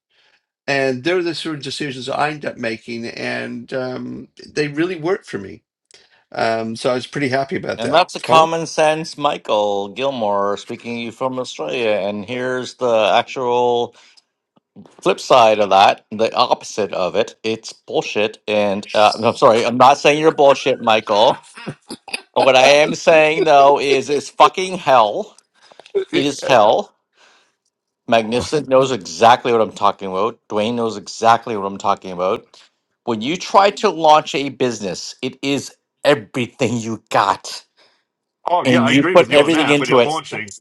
Speaker 2: and they're the sort of decisions i end up making and um, they really work for me um, so i was pretty happy about
Speaker 1: And
Speaker 2: that
Speaker 1: that's a
Speaker 2: colin
Speaker 1: common sense Michael Gilmore speaking to you from Australia. And here's the actual flip side of that, the opposite of it. It's bullshit. And uh, no, I'm sorry, I'm not saying you're bullshit, Michael. But what I am saying though is it's fucking hell. It is hell Magnificent knows exactly what I'm talking about. Dwayne knows exactly what I'm talking about. When you try to launch a business, it is everything you got.
Speaker 2: Oh yeah,
Speaker 1: And
Speaker 2: I
Speaker 1: you
Speaker 2: agree with
Speaker 1: put
Speaker 2: you on
Speaker 1: everything
Speaker 2: that. When
Speaker 1: into
Speaker 2: you're
Speaker 1: it.
Speaker 2: launching,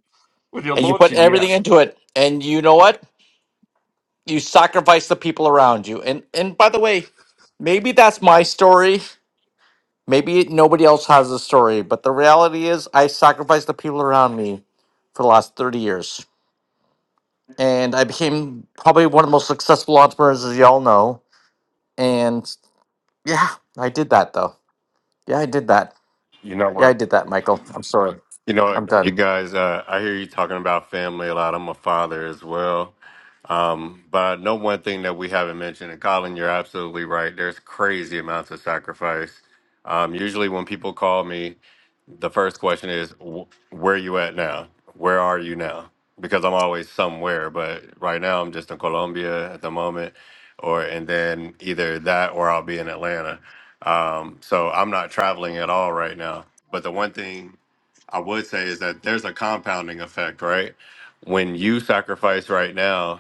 Speaker 2: when you're
Speaker 1: And you put
Speaker 2: launching, yeah,
Speaker 1: everything into it. And you know what? You sacrifice the people around you. And and by the way, maybe that's my story. Maybe nobody else has a story, but the reality is I sacrificed the people around me for the last 30 years. And I became probably one of the most successful entrepreneurs, as y'all know And yeah, I did that though. Yeah, I did that.
Speaker 3: You know
Speaker 1: Yeah, I
Speaker 3: what?
Speaker 1: did that, Michael. I'm sorry.
Speaker 3: You know,
Speaker 1: I'm
Speaker 3: what, you
Speaker 1: done.
Speaker 3: guys, uh, I hear you talking about family a lot. I'm a father as well Um, but I know one thing that we haven't mentioned, and Colin, you're absolutely right. There's crazy amounts of sacrifice. Um, usually, when people call me, the first question is, "Wh- "Where you at now? Where are you now?" Because I'm always somewhere. But right now, I'm just in Colombia at the moment, or and then either that or I'll be in Atlanta. Um, so I'm not traveling at all right now. But the one thing I would say is that there's a compounding effect, right? When you sacrifice right now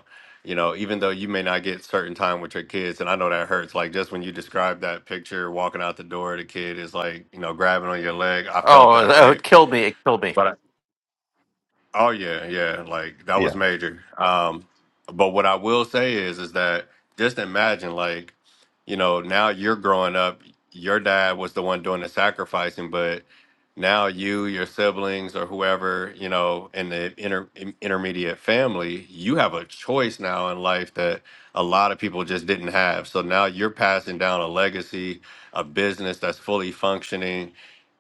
Speaker 3: you know, even though you may not get certain time with your kids, and I know that hurts. Like just when you describe that picture, walking out the door, the kid is like, you know, grabbing on your leg. I felt
Speaker 1: Oh, <laughs>
Speaker 3: that,
Speaker 1: that
Speaker 3: right?
Speaker 1: would kill me. It killed me.
Speaker 3: But. Oh yeah, yeah. Like that was
Speaker 2: yeah,
Speaker 3: major. Um, but what I will say is, is that just imagine, like, you know, now you're growing up. Your dad was the one doing the sacrificing, but now you, your siblings, or whoever, you know, in the inter- in- intermediate family, you have a choice now in life that a lot of people just didn't have. So now you're passing down a legacy, a business that's fully functioning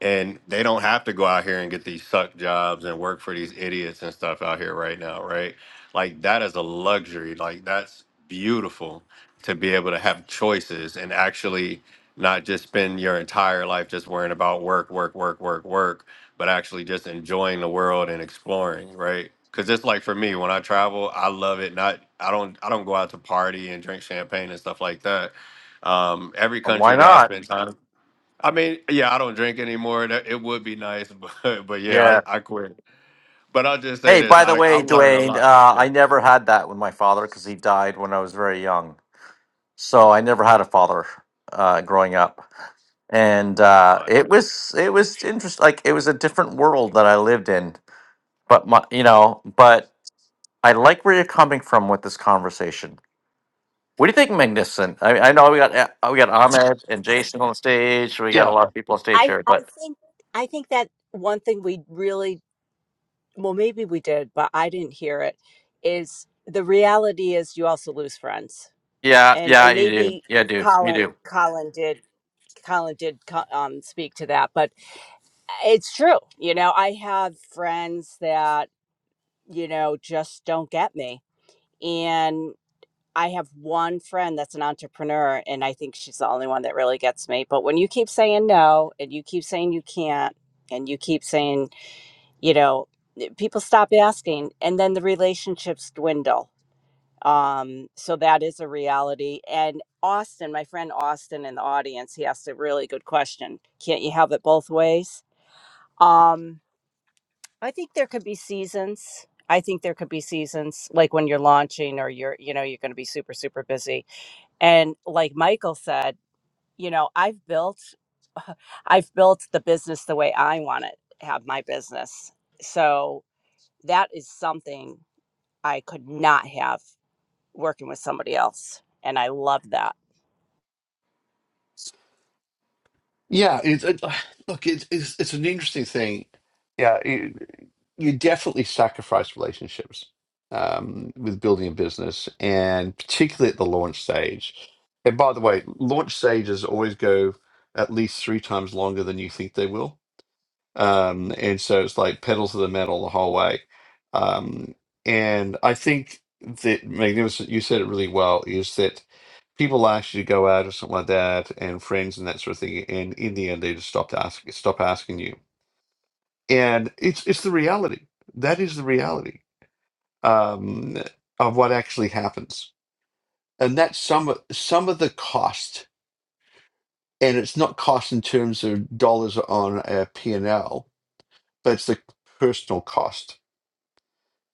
Speaker 3: and they don't have to go out here and get these suck jobs and work for these idiots and stuff out here right now, right? Like that is a luxury. Like that's beautiful to be able to have choices and actually not just spend your entire life just worrying about work, work, work, work, work, but actually just enjoying the world and exploring, right? Cause just like for me, when I travel, I love it. Not I don't I don't go out to party and drink champagne and stuff like that. Um, every
Speaker 1: Well, why
Speaker 3: country that I
Speaker 1: not?
Speaker 3: spend time I mean, yeah, I don't drink anymore. That it would be nice, <laughs> but but yeah,
Speaker 1: Yeah.
Speaker 3: I, I quit. But I'll just say
Speaker 1: Hey,
Speaker 3: this:
Speaker 1: by the
Speaker 3: I I
Speaker 1: way,
Speaker 3: learn a
Speaker 1: Dwayne,
Speaker 3: lot.
Speaker 1: uh, I never had that with my father because he died when I was very young. So I never had a father uh, growing up, and uh,
Speaker 3: Yeah,
Speaker 1: it was it was interesting. Like it was a different world that I lived in. But my, you know, but I like where you're coming from with this conversation What do you think, Magnificent? I, I know we got uh, we got Ahmed and Jason on stage. We
Speaker 2: yeah.
Speaker 1: got a lot of people on stage
Speaker 5: I
Speaker 1: here,
Speaker 5: I
Speaker 1: but
Speaker 5: think I think that one thing we really well maybe we did, but I didn't hear it is the reality is you also lose friends.
Speaker 1: yeah,
Speaker 5: And
Speaker 1: yeah,
Speaker 5: and
Speaker 1: you do,
Speaker 5: maybe
Speaker 1: yeah, do you
Speaker 5: Colin
Speaker 1: do?
Speaker 5: Colin did Colin did co- um, speak to that, but it's true. You know, I have friends that, you know, just don't get me. And I have one friend that's an entrepreneur, and I think she's the only one that really gets me. But when you keep saying no and you keep saying you can't, and you keep saying you know eh, people stop asking and then the relationships dwindle um so that is a reality and austin my friend austin in the audience he asked a really good question can't you have it both ways um i think there could be seasons i think there could be seasons like when you're launching or you're you know you're going to be super super busy and like michael said you know i've built i've built the business the way i want to have my business so that is something I could not have working with somebody else. And I love that.
Speaker 2: Yeah, it's it, <sighs> look, it's it's it's an interesting thing. Yeah, it, you definitely sacrifice relationships um, with building a business, and particularly at the launch stage. And by the way, launch stages always go at least three times longer than you think they will. Um, and so it's like pedal to the metal the whole way. Um, and I think that Magnificent, you said it really well, is that people asked you to go out or something like that, and friends and that sort of thing. And in the end, they just stopped asking, stop asking you. And it's it's the reality. That is the reality um, of what actually happens. And that's some of- some of the cost. And it's not cost in terms of dollars on a P and L, but it's the personal cost.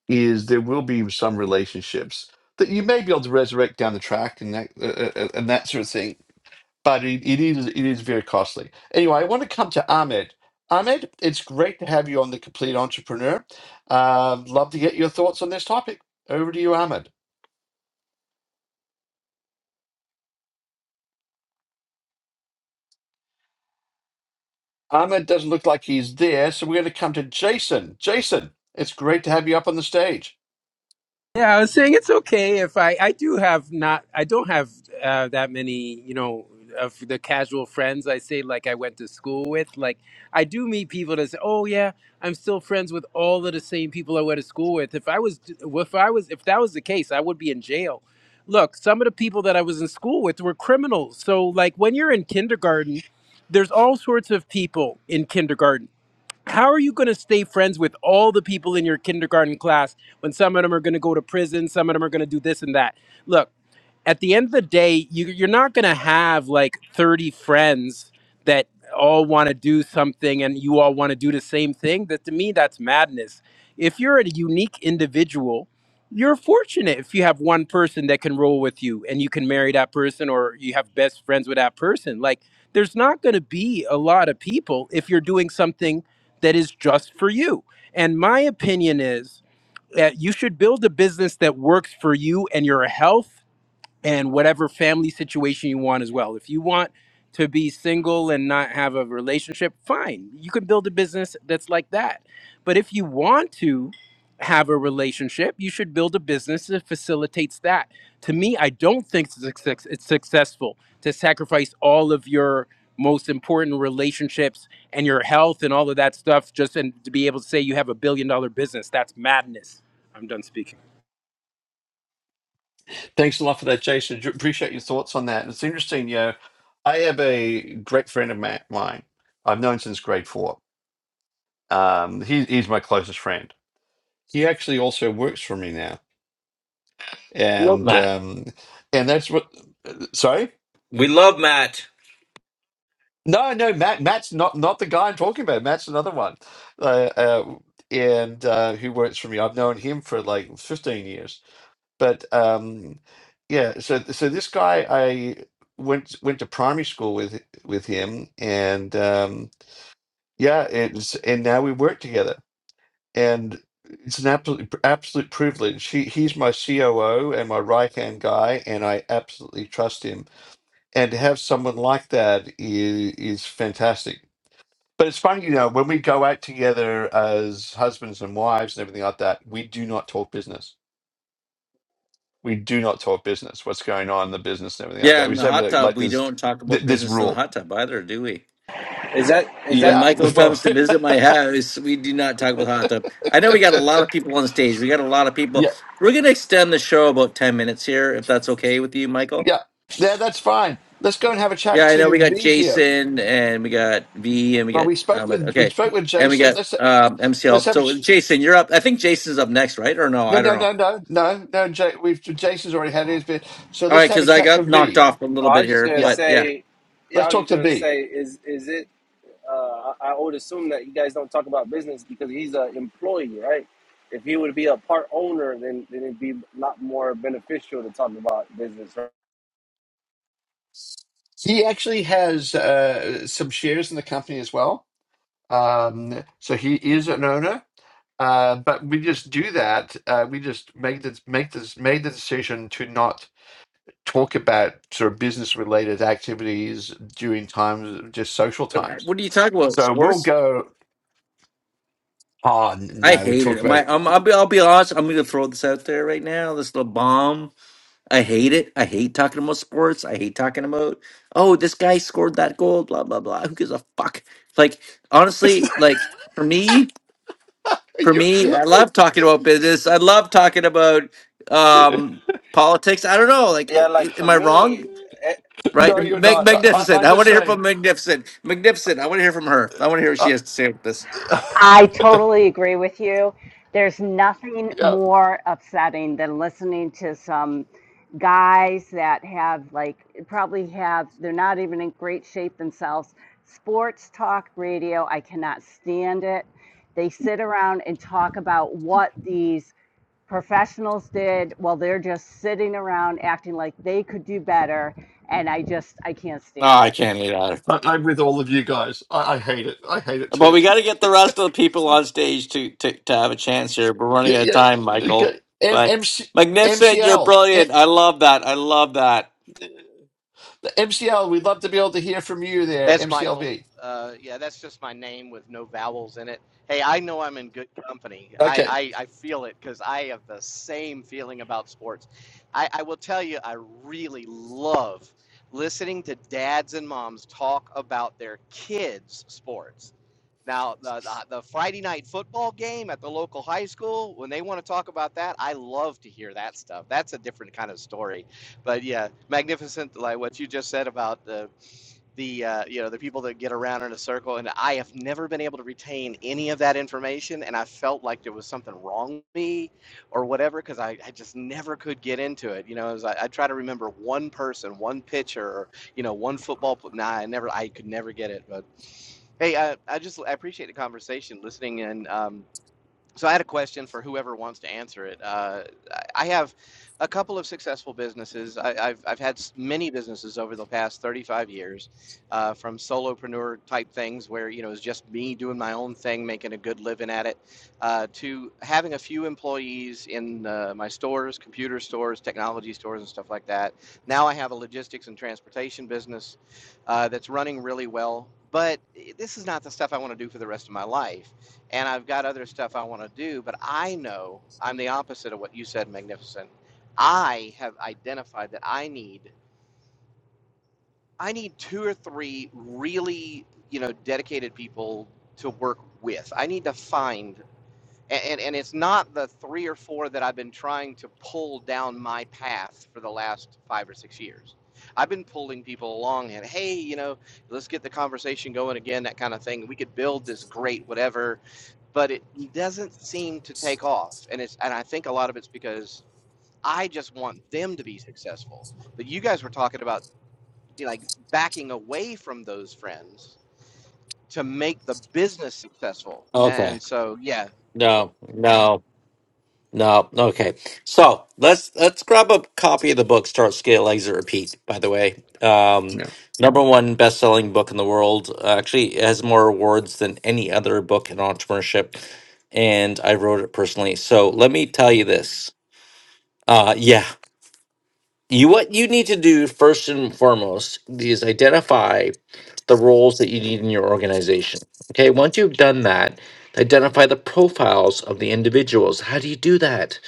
Speaker 2: Is there will be some relationships that you may be able to resurrect down the track and that uh, uh, uh, and that sort of thing but it, it is it is very costly. Anyway, I want to come to Ahmed. Ahmed, it's great to have you on the Complete Entrepreneur. Um, love to get your thoughts on this topic. Over to you, Ahmed. Ahmed doesn't look like he's there, so we're going to come to Jason. Jason, it's great to have you up on the stage.
Speaker 6: Yeah, I was saying it's okay if I I do have not I don't have uh, that many you know of the casual friends I say like I went to school with like I do meet people that say oh yeah I'm still friends with all of the same people I went to school with if I was if I was if that was the case I would be in jail. Look, some of the people that I was in school with were criminals. So like when you're in kindergarten, there's all sorts of people in kindergarten how are you going to stay friends with all the people in your kindergarten class when some of them are going to go to prison, some of them are going to do this and that? Look, at the end of the day, you, you're not going to have like 30 friends that all want to do something and you all want to do the same thing. That to me, that's madness. If you're a unique individual, you're fortunate if you have one person that can roll with you and you can marry that person or you have best friends with that person. Like, there's not going to be a lot of people if you're doing something that is just for you. And my opinion is that you should build a business that works for you and your health and whatever family situation you want as well. If you want to be single and not have a relationship, fine. You can build a business that's like that. But if you want to have a relationship, you should build a business that facilitates that. To me, I don't think success- it's successful to sacrifice all of your most important relationships and your health and all of that stuff just and to be able to say you have a billion dollar business. That's madness. I'm done speaking.
Speaker 2: Thanks a lot for that, Jason. Ju- Appreciate your thoughts on that. It's interesting, you know. I have a great friend of ma- mine. I've known since grade four. Um, he, he's my closest friend. He actually also works for me now and um, and that's what. Sorry,
Speaker 1: We love Matt.
Speaker 2: no, no, Matt. Matt's not not the guy I'm talking about. Matt's another one, uh, uh, and uh, who works for me. I've known him for like 15 years. But um, yeah, so so this guy, I went went to primary school with with him, and um, yeah, it's and now we work together, and it's an absolute absolute privilege. He he's my COO and my right hand guy, and I absolutely trust him and to have someone like that is, is fantastic. But it's funny, you know, when we go out together as husbands and wives and everything like that, we do not talk business. We do not talk business. What's going on in the business and everything like
Speaker 1: Yeah,
Speaker 2: that. We
Speaker 1: in the
Speaker 2: just have
Speaker 1: hot
Speaker 2: like,
Speaker 1: tub,
Speaker 2: like
Speaker 1: we
Speaker 2: this
Speaker 1: don't talk about
Speaker 2: th- this
Speaker 1: business in the
Speaker 2: rule.
Speaker 1: hot tub either, do we?
Speaker 7: Is that is
Speaker 1: When
Speaker 7: that?
Speaker 2: Yeah, <laughs>
Speaker 1: Michael
Speaker 7: It,
Speaker 2: well,
Speaker 1: comes to visit my
Speaker 2: <laughs>
Speaker 1: house, we do not talk about hot tub. I know we got a lot of people on stage. We got a lot of people.
Speaker 2: yeah,
Speaker 1: We're going to extend the show about 10 minutes here, if that's okay with you, Michael.
Speaker 2: yeah, yeah. That's fine. Let's go and have a chat
Speaker 1: Yeah, I know we
Speaker 2: to
Speaker 1: got
Speaker 2: V here.
Speaker 1: Jason and we got V and we
Speaker 2: Well,
Speaker 1: got
Speaker 2: we spoke
Speaker 1: um
Speaker 2: with we
Speaker 1: okay.
Speaker 2: spoke with
Speaker 1: And we got
Speaker 2: Jason. Let's
Speaker 1: um
Speaker 2: let's
Speaker 1: MCL.
Speaker 2: have a
Speaker 1: So
Speaker 2: ch-
Speaker 1: Jason, you're up. I think Jason's up next, right? Or no,
Speaker 2: no
Speaker 1: I don't
Speaker 2: no
Speaker 1: know.
Speaker 2: no no no no. J- we've Jason's already had his bit. So
Speaker 1: All
Speaker 2: let's
Speaker 1: right,
Speaker 2: have a
Speaker 1: cuz I
Speaker 2: chat to
Speaker 1: got knocked
Speaker 2: V.
Speaker 1: off a little
Speaker 7: oh, I
Speaker 1: bit
Speaker 7: was just
Speaker 1: here,
Speaker 7: gonna
Speaker 2: Yeah.
Speaker 1: but yeah.
Speaker 7: say, yeah,
Speaker 2: Let's
Speaker 7: I was just
Speaker 2: talk to
Speaker 7: gonna
Speaker 2: B.
Speaker 7: say, is is it? Uh, I, I would assume that you guys don't talk about business because he's an employee, right? If he would be a part owner, then then it'd be a lot more beneficial to talk about business. Right?
Speaker 2: He actually has uh, some shares in the company as well. Um, so he is an owner. Uh, but we just do that. Uh, we just make this make this made the decision to not talk about sort of business related activities during times just social
Speaker 1: But uh,
Speaker 2: times.
Speaker 1: what are you talking about?
Speaker 2: So we'll
Speaker 1: Sports?
Speaker 2: go. Oh
Speaker 1: I
Speaker 2: no, we
Speaker 1: hate
Speaker 2: talk
Speaker 1: it. My
Speaker 2: about.
Speaker 1: um, I'll be I'll be honest, I'm going to throw this out there right now. This little bomb. I hate it. I hate talking about sports. I hate talking about, "Oh, this guy scored that goal, blah blah blah." Who gives a fuck? Like honestly,
Speaker 2: <laughs>
Speaker 1: like for me, for
Speaker 2: you,
Speaker 1: me, I love talking about business. I love talking about um, politics. I don't know. Like,
Speaker 7: Yeah,
Speaker 1: i- i-
Speaker 7: like for
Speaker 1: am I
Speaker 7: me,
Speaker 1: wrong? Right?
Speaker 2: no, you're
Speaker 1: Mag-
Speaker 2: not. I, I-
Speaker 1: magnificent.
Speaker 2: I'm
Speaker 1: I
Speaker 2: the
Speaker 1: want to hear from
Speaker 2: same.
Speaker 1: Magnificent. Magnificent. I want to hear from her. I want to hear what she
Speaker 2: Uh,
Speaker 1: has to say about this.
Speaker 2: <laughs>
Speaker 5: I totally agree with you. There's nothing
Speaker 2: yeah,
Speaker 5: more upsetting than listening to some guys that have, like, probably have, they're not even in great shape themselves. Sports talk radio, I cannot stand it. They sit around and talk about what these professionals did while they're just sitting around acting like they could do better. And I just, I can't
Speaker 1: Oh,
Speaker 5: stand
Speaker 1: I
Speaker 5: it.
Speaker 1: can't hate on her.
Speaker 2: I, I'm with all of you guys. I, I hate it. I hate it
Speaker 1: But
Speaker 2: too.
Speaker 1: we got to get the rest of the people on stage to, to, to have a chance here. We're running
Speaker 2: Yeah,
Speaker 1: out of
Speaker 2: yeah.
Speaker 1: time, Michael.
Speaker 2: Okay. M-
Speaker 1: But
Speaker 2: MC-
Speaker 1: Magnificent, you're
Speaker 2: MCL. Eh,
Speaker 1: brilliant. I love that. I love that.
Speaker 2: MCL, we'd love to be able to hear from you there,
Speaker 8: That's Michael.
Speaker 2: MCLV.
Speaker 8: Uh, yeah, that's just my name with no vowels in it. Hey, I know I'm in good company. I,
Speaker 2: Okay.
Speaker 8: I, I feel it because I have the same feeling about sports. I, I will tell you, I really love listening to dads and moms talk about their kids' sports. Now, the, the, the Friday night football game at the local high school, when they want to talk about that, I love to hear that stuff. That's a different kind of story. But yeah, magnificent, like what you just said about uh, the uh, you know the people that get around in a circle and i have never been able to retain any of that information and i felt like there was something wrong with me or whatever because I, I just never could get into it you know it was, I, I try to remember one person one pitcher or you know one football pl- nah i never i could never get it but hey i, I just i appreciate the conversation listening and um, so I had a question for whoever wants to answer it. Uh, I have a couple of successful businesses. I, I've I've had s- many businesses over the past 35 years, uh, from solopreneur type things where you know it's just me doing my own thing, making a good living at it, uh, to having a few employees in uh, my stores, computer stores, technology stores, and stuff like that. Now I have a logistics and transportation business uh, that's running really well. But this is not the stuff I want to do for the rest of my life. And I've got other stuff I want to do, but I know I'm the opposite of what you said, Magnificent. I have identified that I need I need two or three really, you know, dedicated people to work with. I need to find and, and it's not the three or four that I've been trying to pull down my path for the last five or six years. I've been pulling people along and hey, you know, let's get the conversation going again, that kind of thing. We could build this great whatever, but it doesn't seem to take off. And it's and I think a lot of it's because I just want them to be successful. But you guys were talking about you know, like backing away from those friends to make the business successful.
Speaker 1: Okay.
Speaker 8: And so yeah,
Speaker 1: No, no. No, okay. So let's let's grab a copy of the book. Start scale, exit, repeat. By the way, um,
Speaker 2: Yeah.
Speaker 1: number one best-selling book in the world. Actually, it has more awards than any other book in entrepreneurship, and I wrote it personally. So let me tell you this. Uh, yeah, you what you need to do first and foremost is identify the roles that you need in your organization. Okay, once you've done that, identify the profiles of the individuals. How do you do that?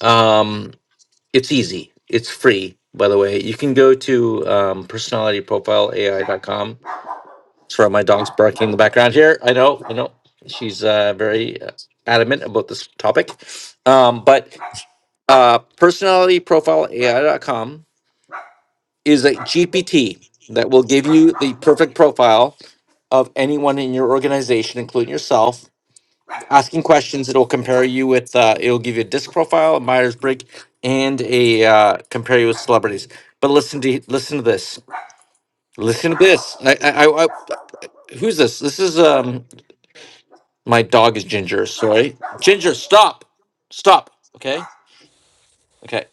Speaker 1: Um, it's easy. It's free, by the way. You can go to um, personalityprofileai.com. Sorry, my dog's barking in the background here. I know, I know. She's uh, very uh, adamant about this topic. Um, but uh, personalityprofileai.com is a GPT that will give you the perfect profile of anyone in your organization, including yourself, asking questions. It'll compare you with. Uh, it'll give you a disc profile, a Myers Briggs, and a uh, compare you with celebrities. But listen to listen to this. Listen to this. I, I, I, I- who's this? This is um. My dog is Ginger. Sorry, Ginger. Stop. Stop. Okay. Okay.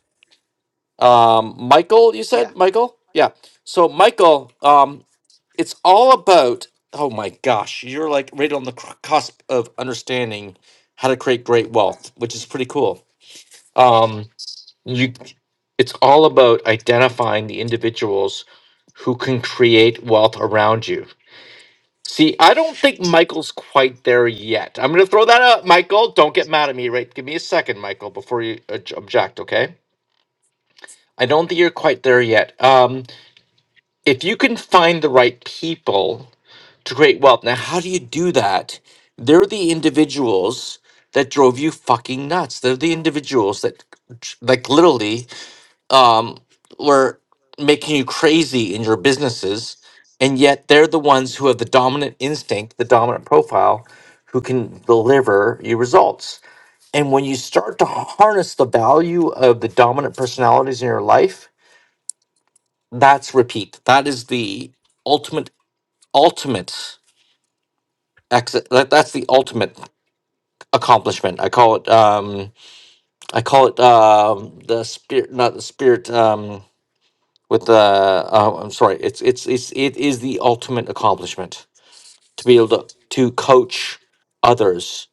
Speaker 1: Um, Michael, you
Speaker 8: yeah.
Speaker 1: said Michael. Yeah. So Michael, um, it's all about. Oh my gosh, you're like right on the cr- cusp of understanding how to create great wealth, which is pretty cool. Um, you it's all about identifying the individuals who can create wealth around you see i don't think michael's quite there yet i'm going to throw that out michael don't get mad at me right give me a second michael before you obj- object okay i don't think you're quite there yet um, if you can find the right people to create wealth now how do you do that they're the individuals that drove you fucking nuts they're the individuals that like literally um, were making you crazy in your businesses, and yet they're the ones who have the dominant instinct, the dominant profile, who can deliver you results. And when you start to harness the value of the dominant personalities in your life, that's repeat. That is the ultimate, ultimate exit. That, that's the ultimate accomplishment. I call it. Um, I call it um, the spirit, not the spirit. Um, with the uh, I'm sorry, it's it's it's it is the ultimate accomplishment to be able to to coach others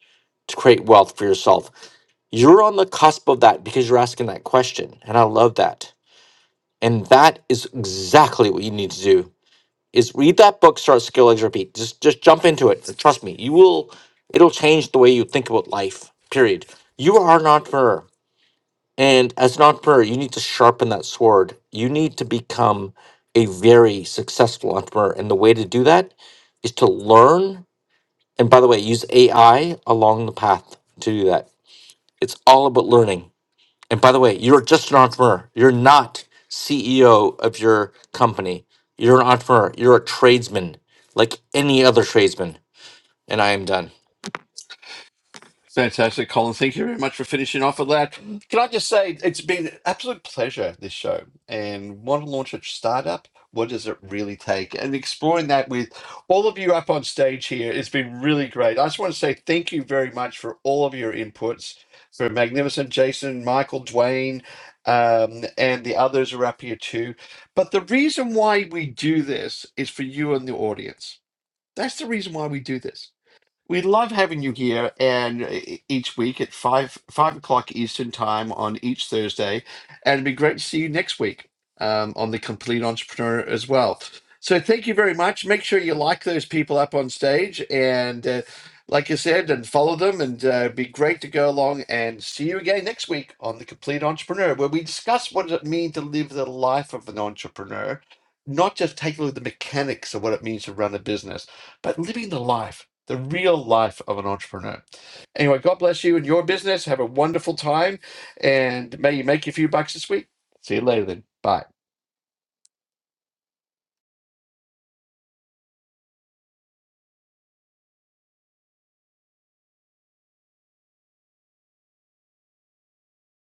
Speaker 1: to create wealth for yourself. You're on the cusp of that because you're asking that question, and I love that. And that is exactly what you need to do. Is read that book, start skill legs repeat. Just just jump into it. Trust me, you will. It'll change the way you think about life. Period. You are an entrepreneur. And as an entrepreneur, you need to sharpen that sword. You need to become a very successful entrepreneur. And the way to do that is to learn. And by the way, use AI along the path to do that. It's all about learning. And by the way, you're just an entrepreneur. You're not CEO of your company. You're an entrepreneur. You're a tradesman, like any other tradesman. And I am done.
Speaker 2: Fantastic, Colin. Thank you very much for finishing off with that. Can I just say it's been an absolute pleasure, this show, and want to launch a startup? What does it really take? And exploring that with all of you up on stage here has been really great. I just want to say thank you very much for all of your inputs, for magnificent Jason, Michael, Dwayne, um, and the others are up here too. But the reason why we do this is for you and the audience. That's the reason why we do this we love having you here, and uh, e- each week at five five o'clock Eastern time on each Thursday, and it'd be great to see you next week um, on the Complete Entrepreneur as well. So thank you very much. Make sure you like those people up on stage, and uh, like I said, and follow them, and uh, it'd be great to go along and see you again next week on the Complete Entrepreneur, where we discuss what does it mean to live the life of an entrepreneur, not just tackling the mechanics of what it means to run a business but living the life, the real life of an entrepreneur. Anyway, God bless you and your business. Have a wonderful time and may you make a few bucks this week. See you later then. Bye.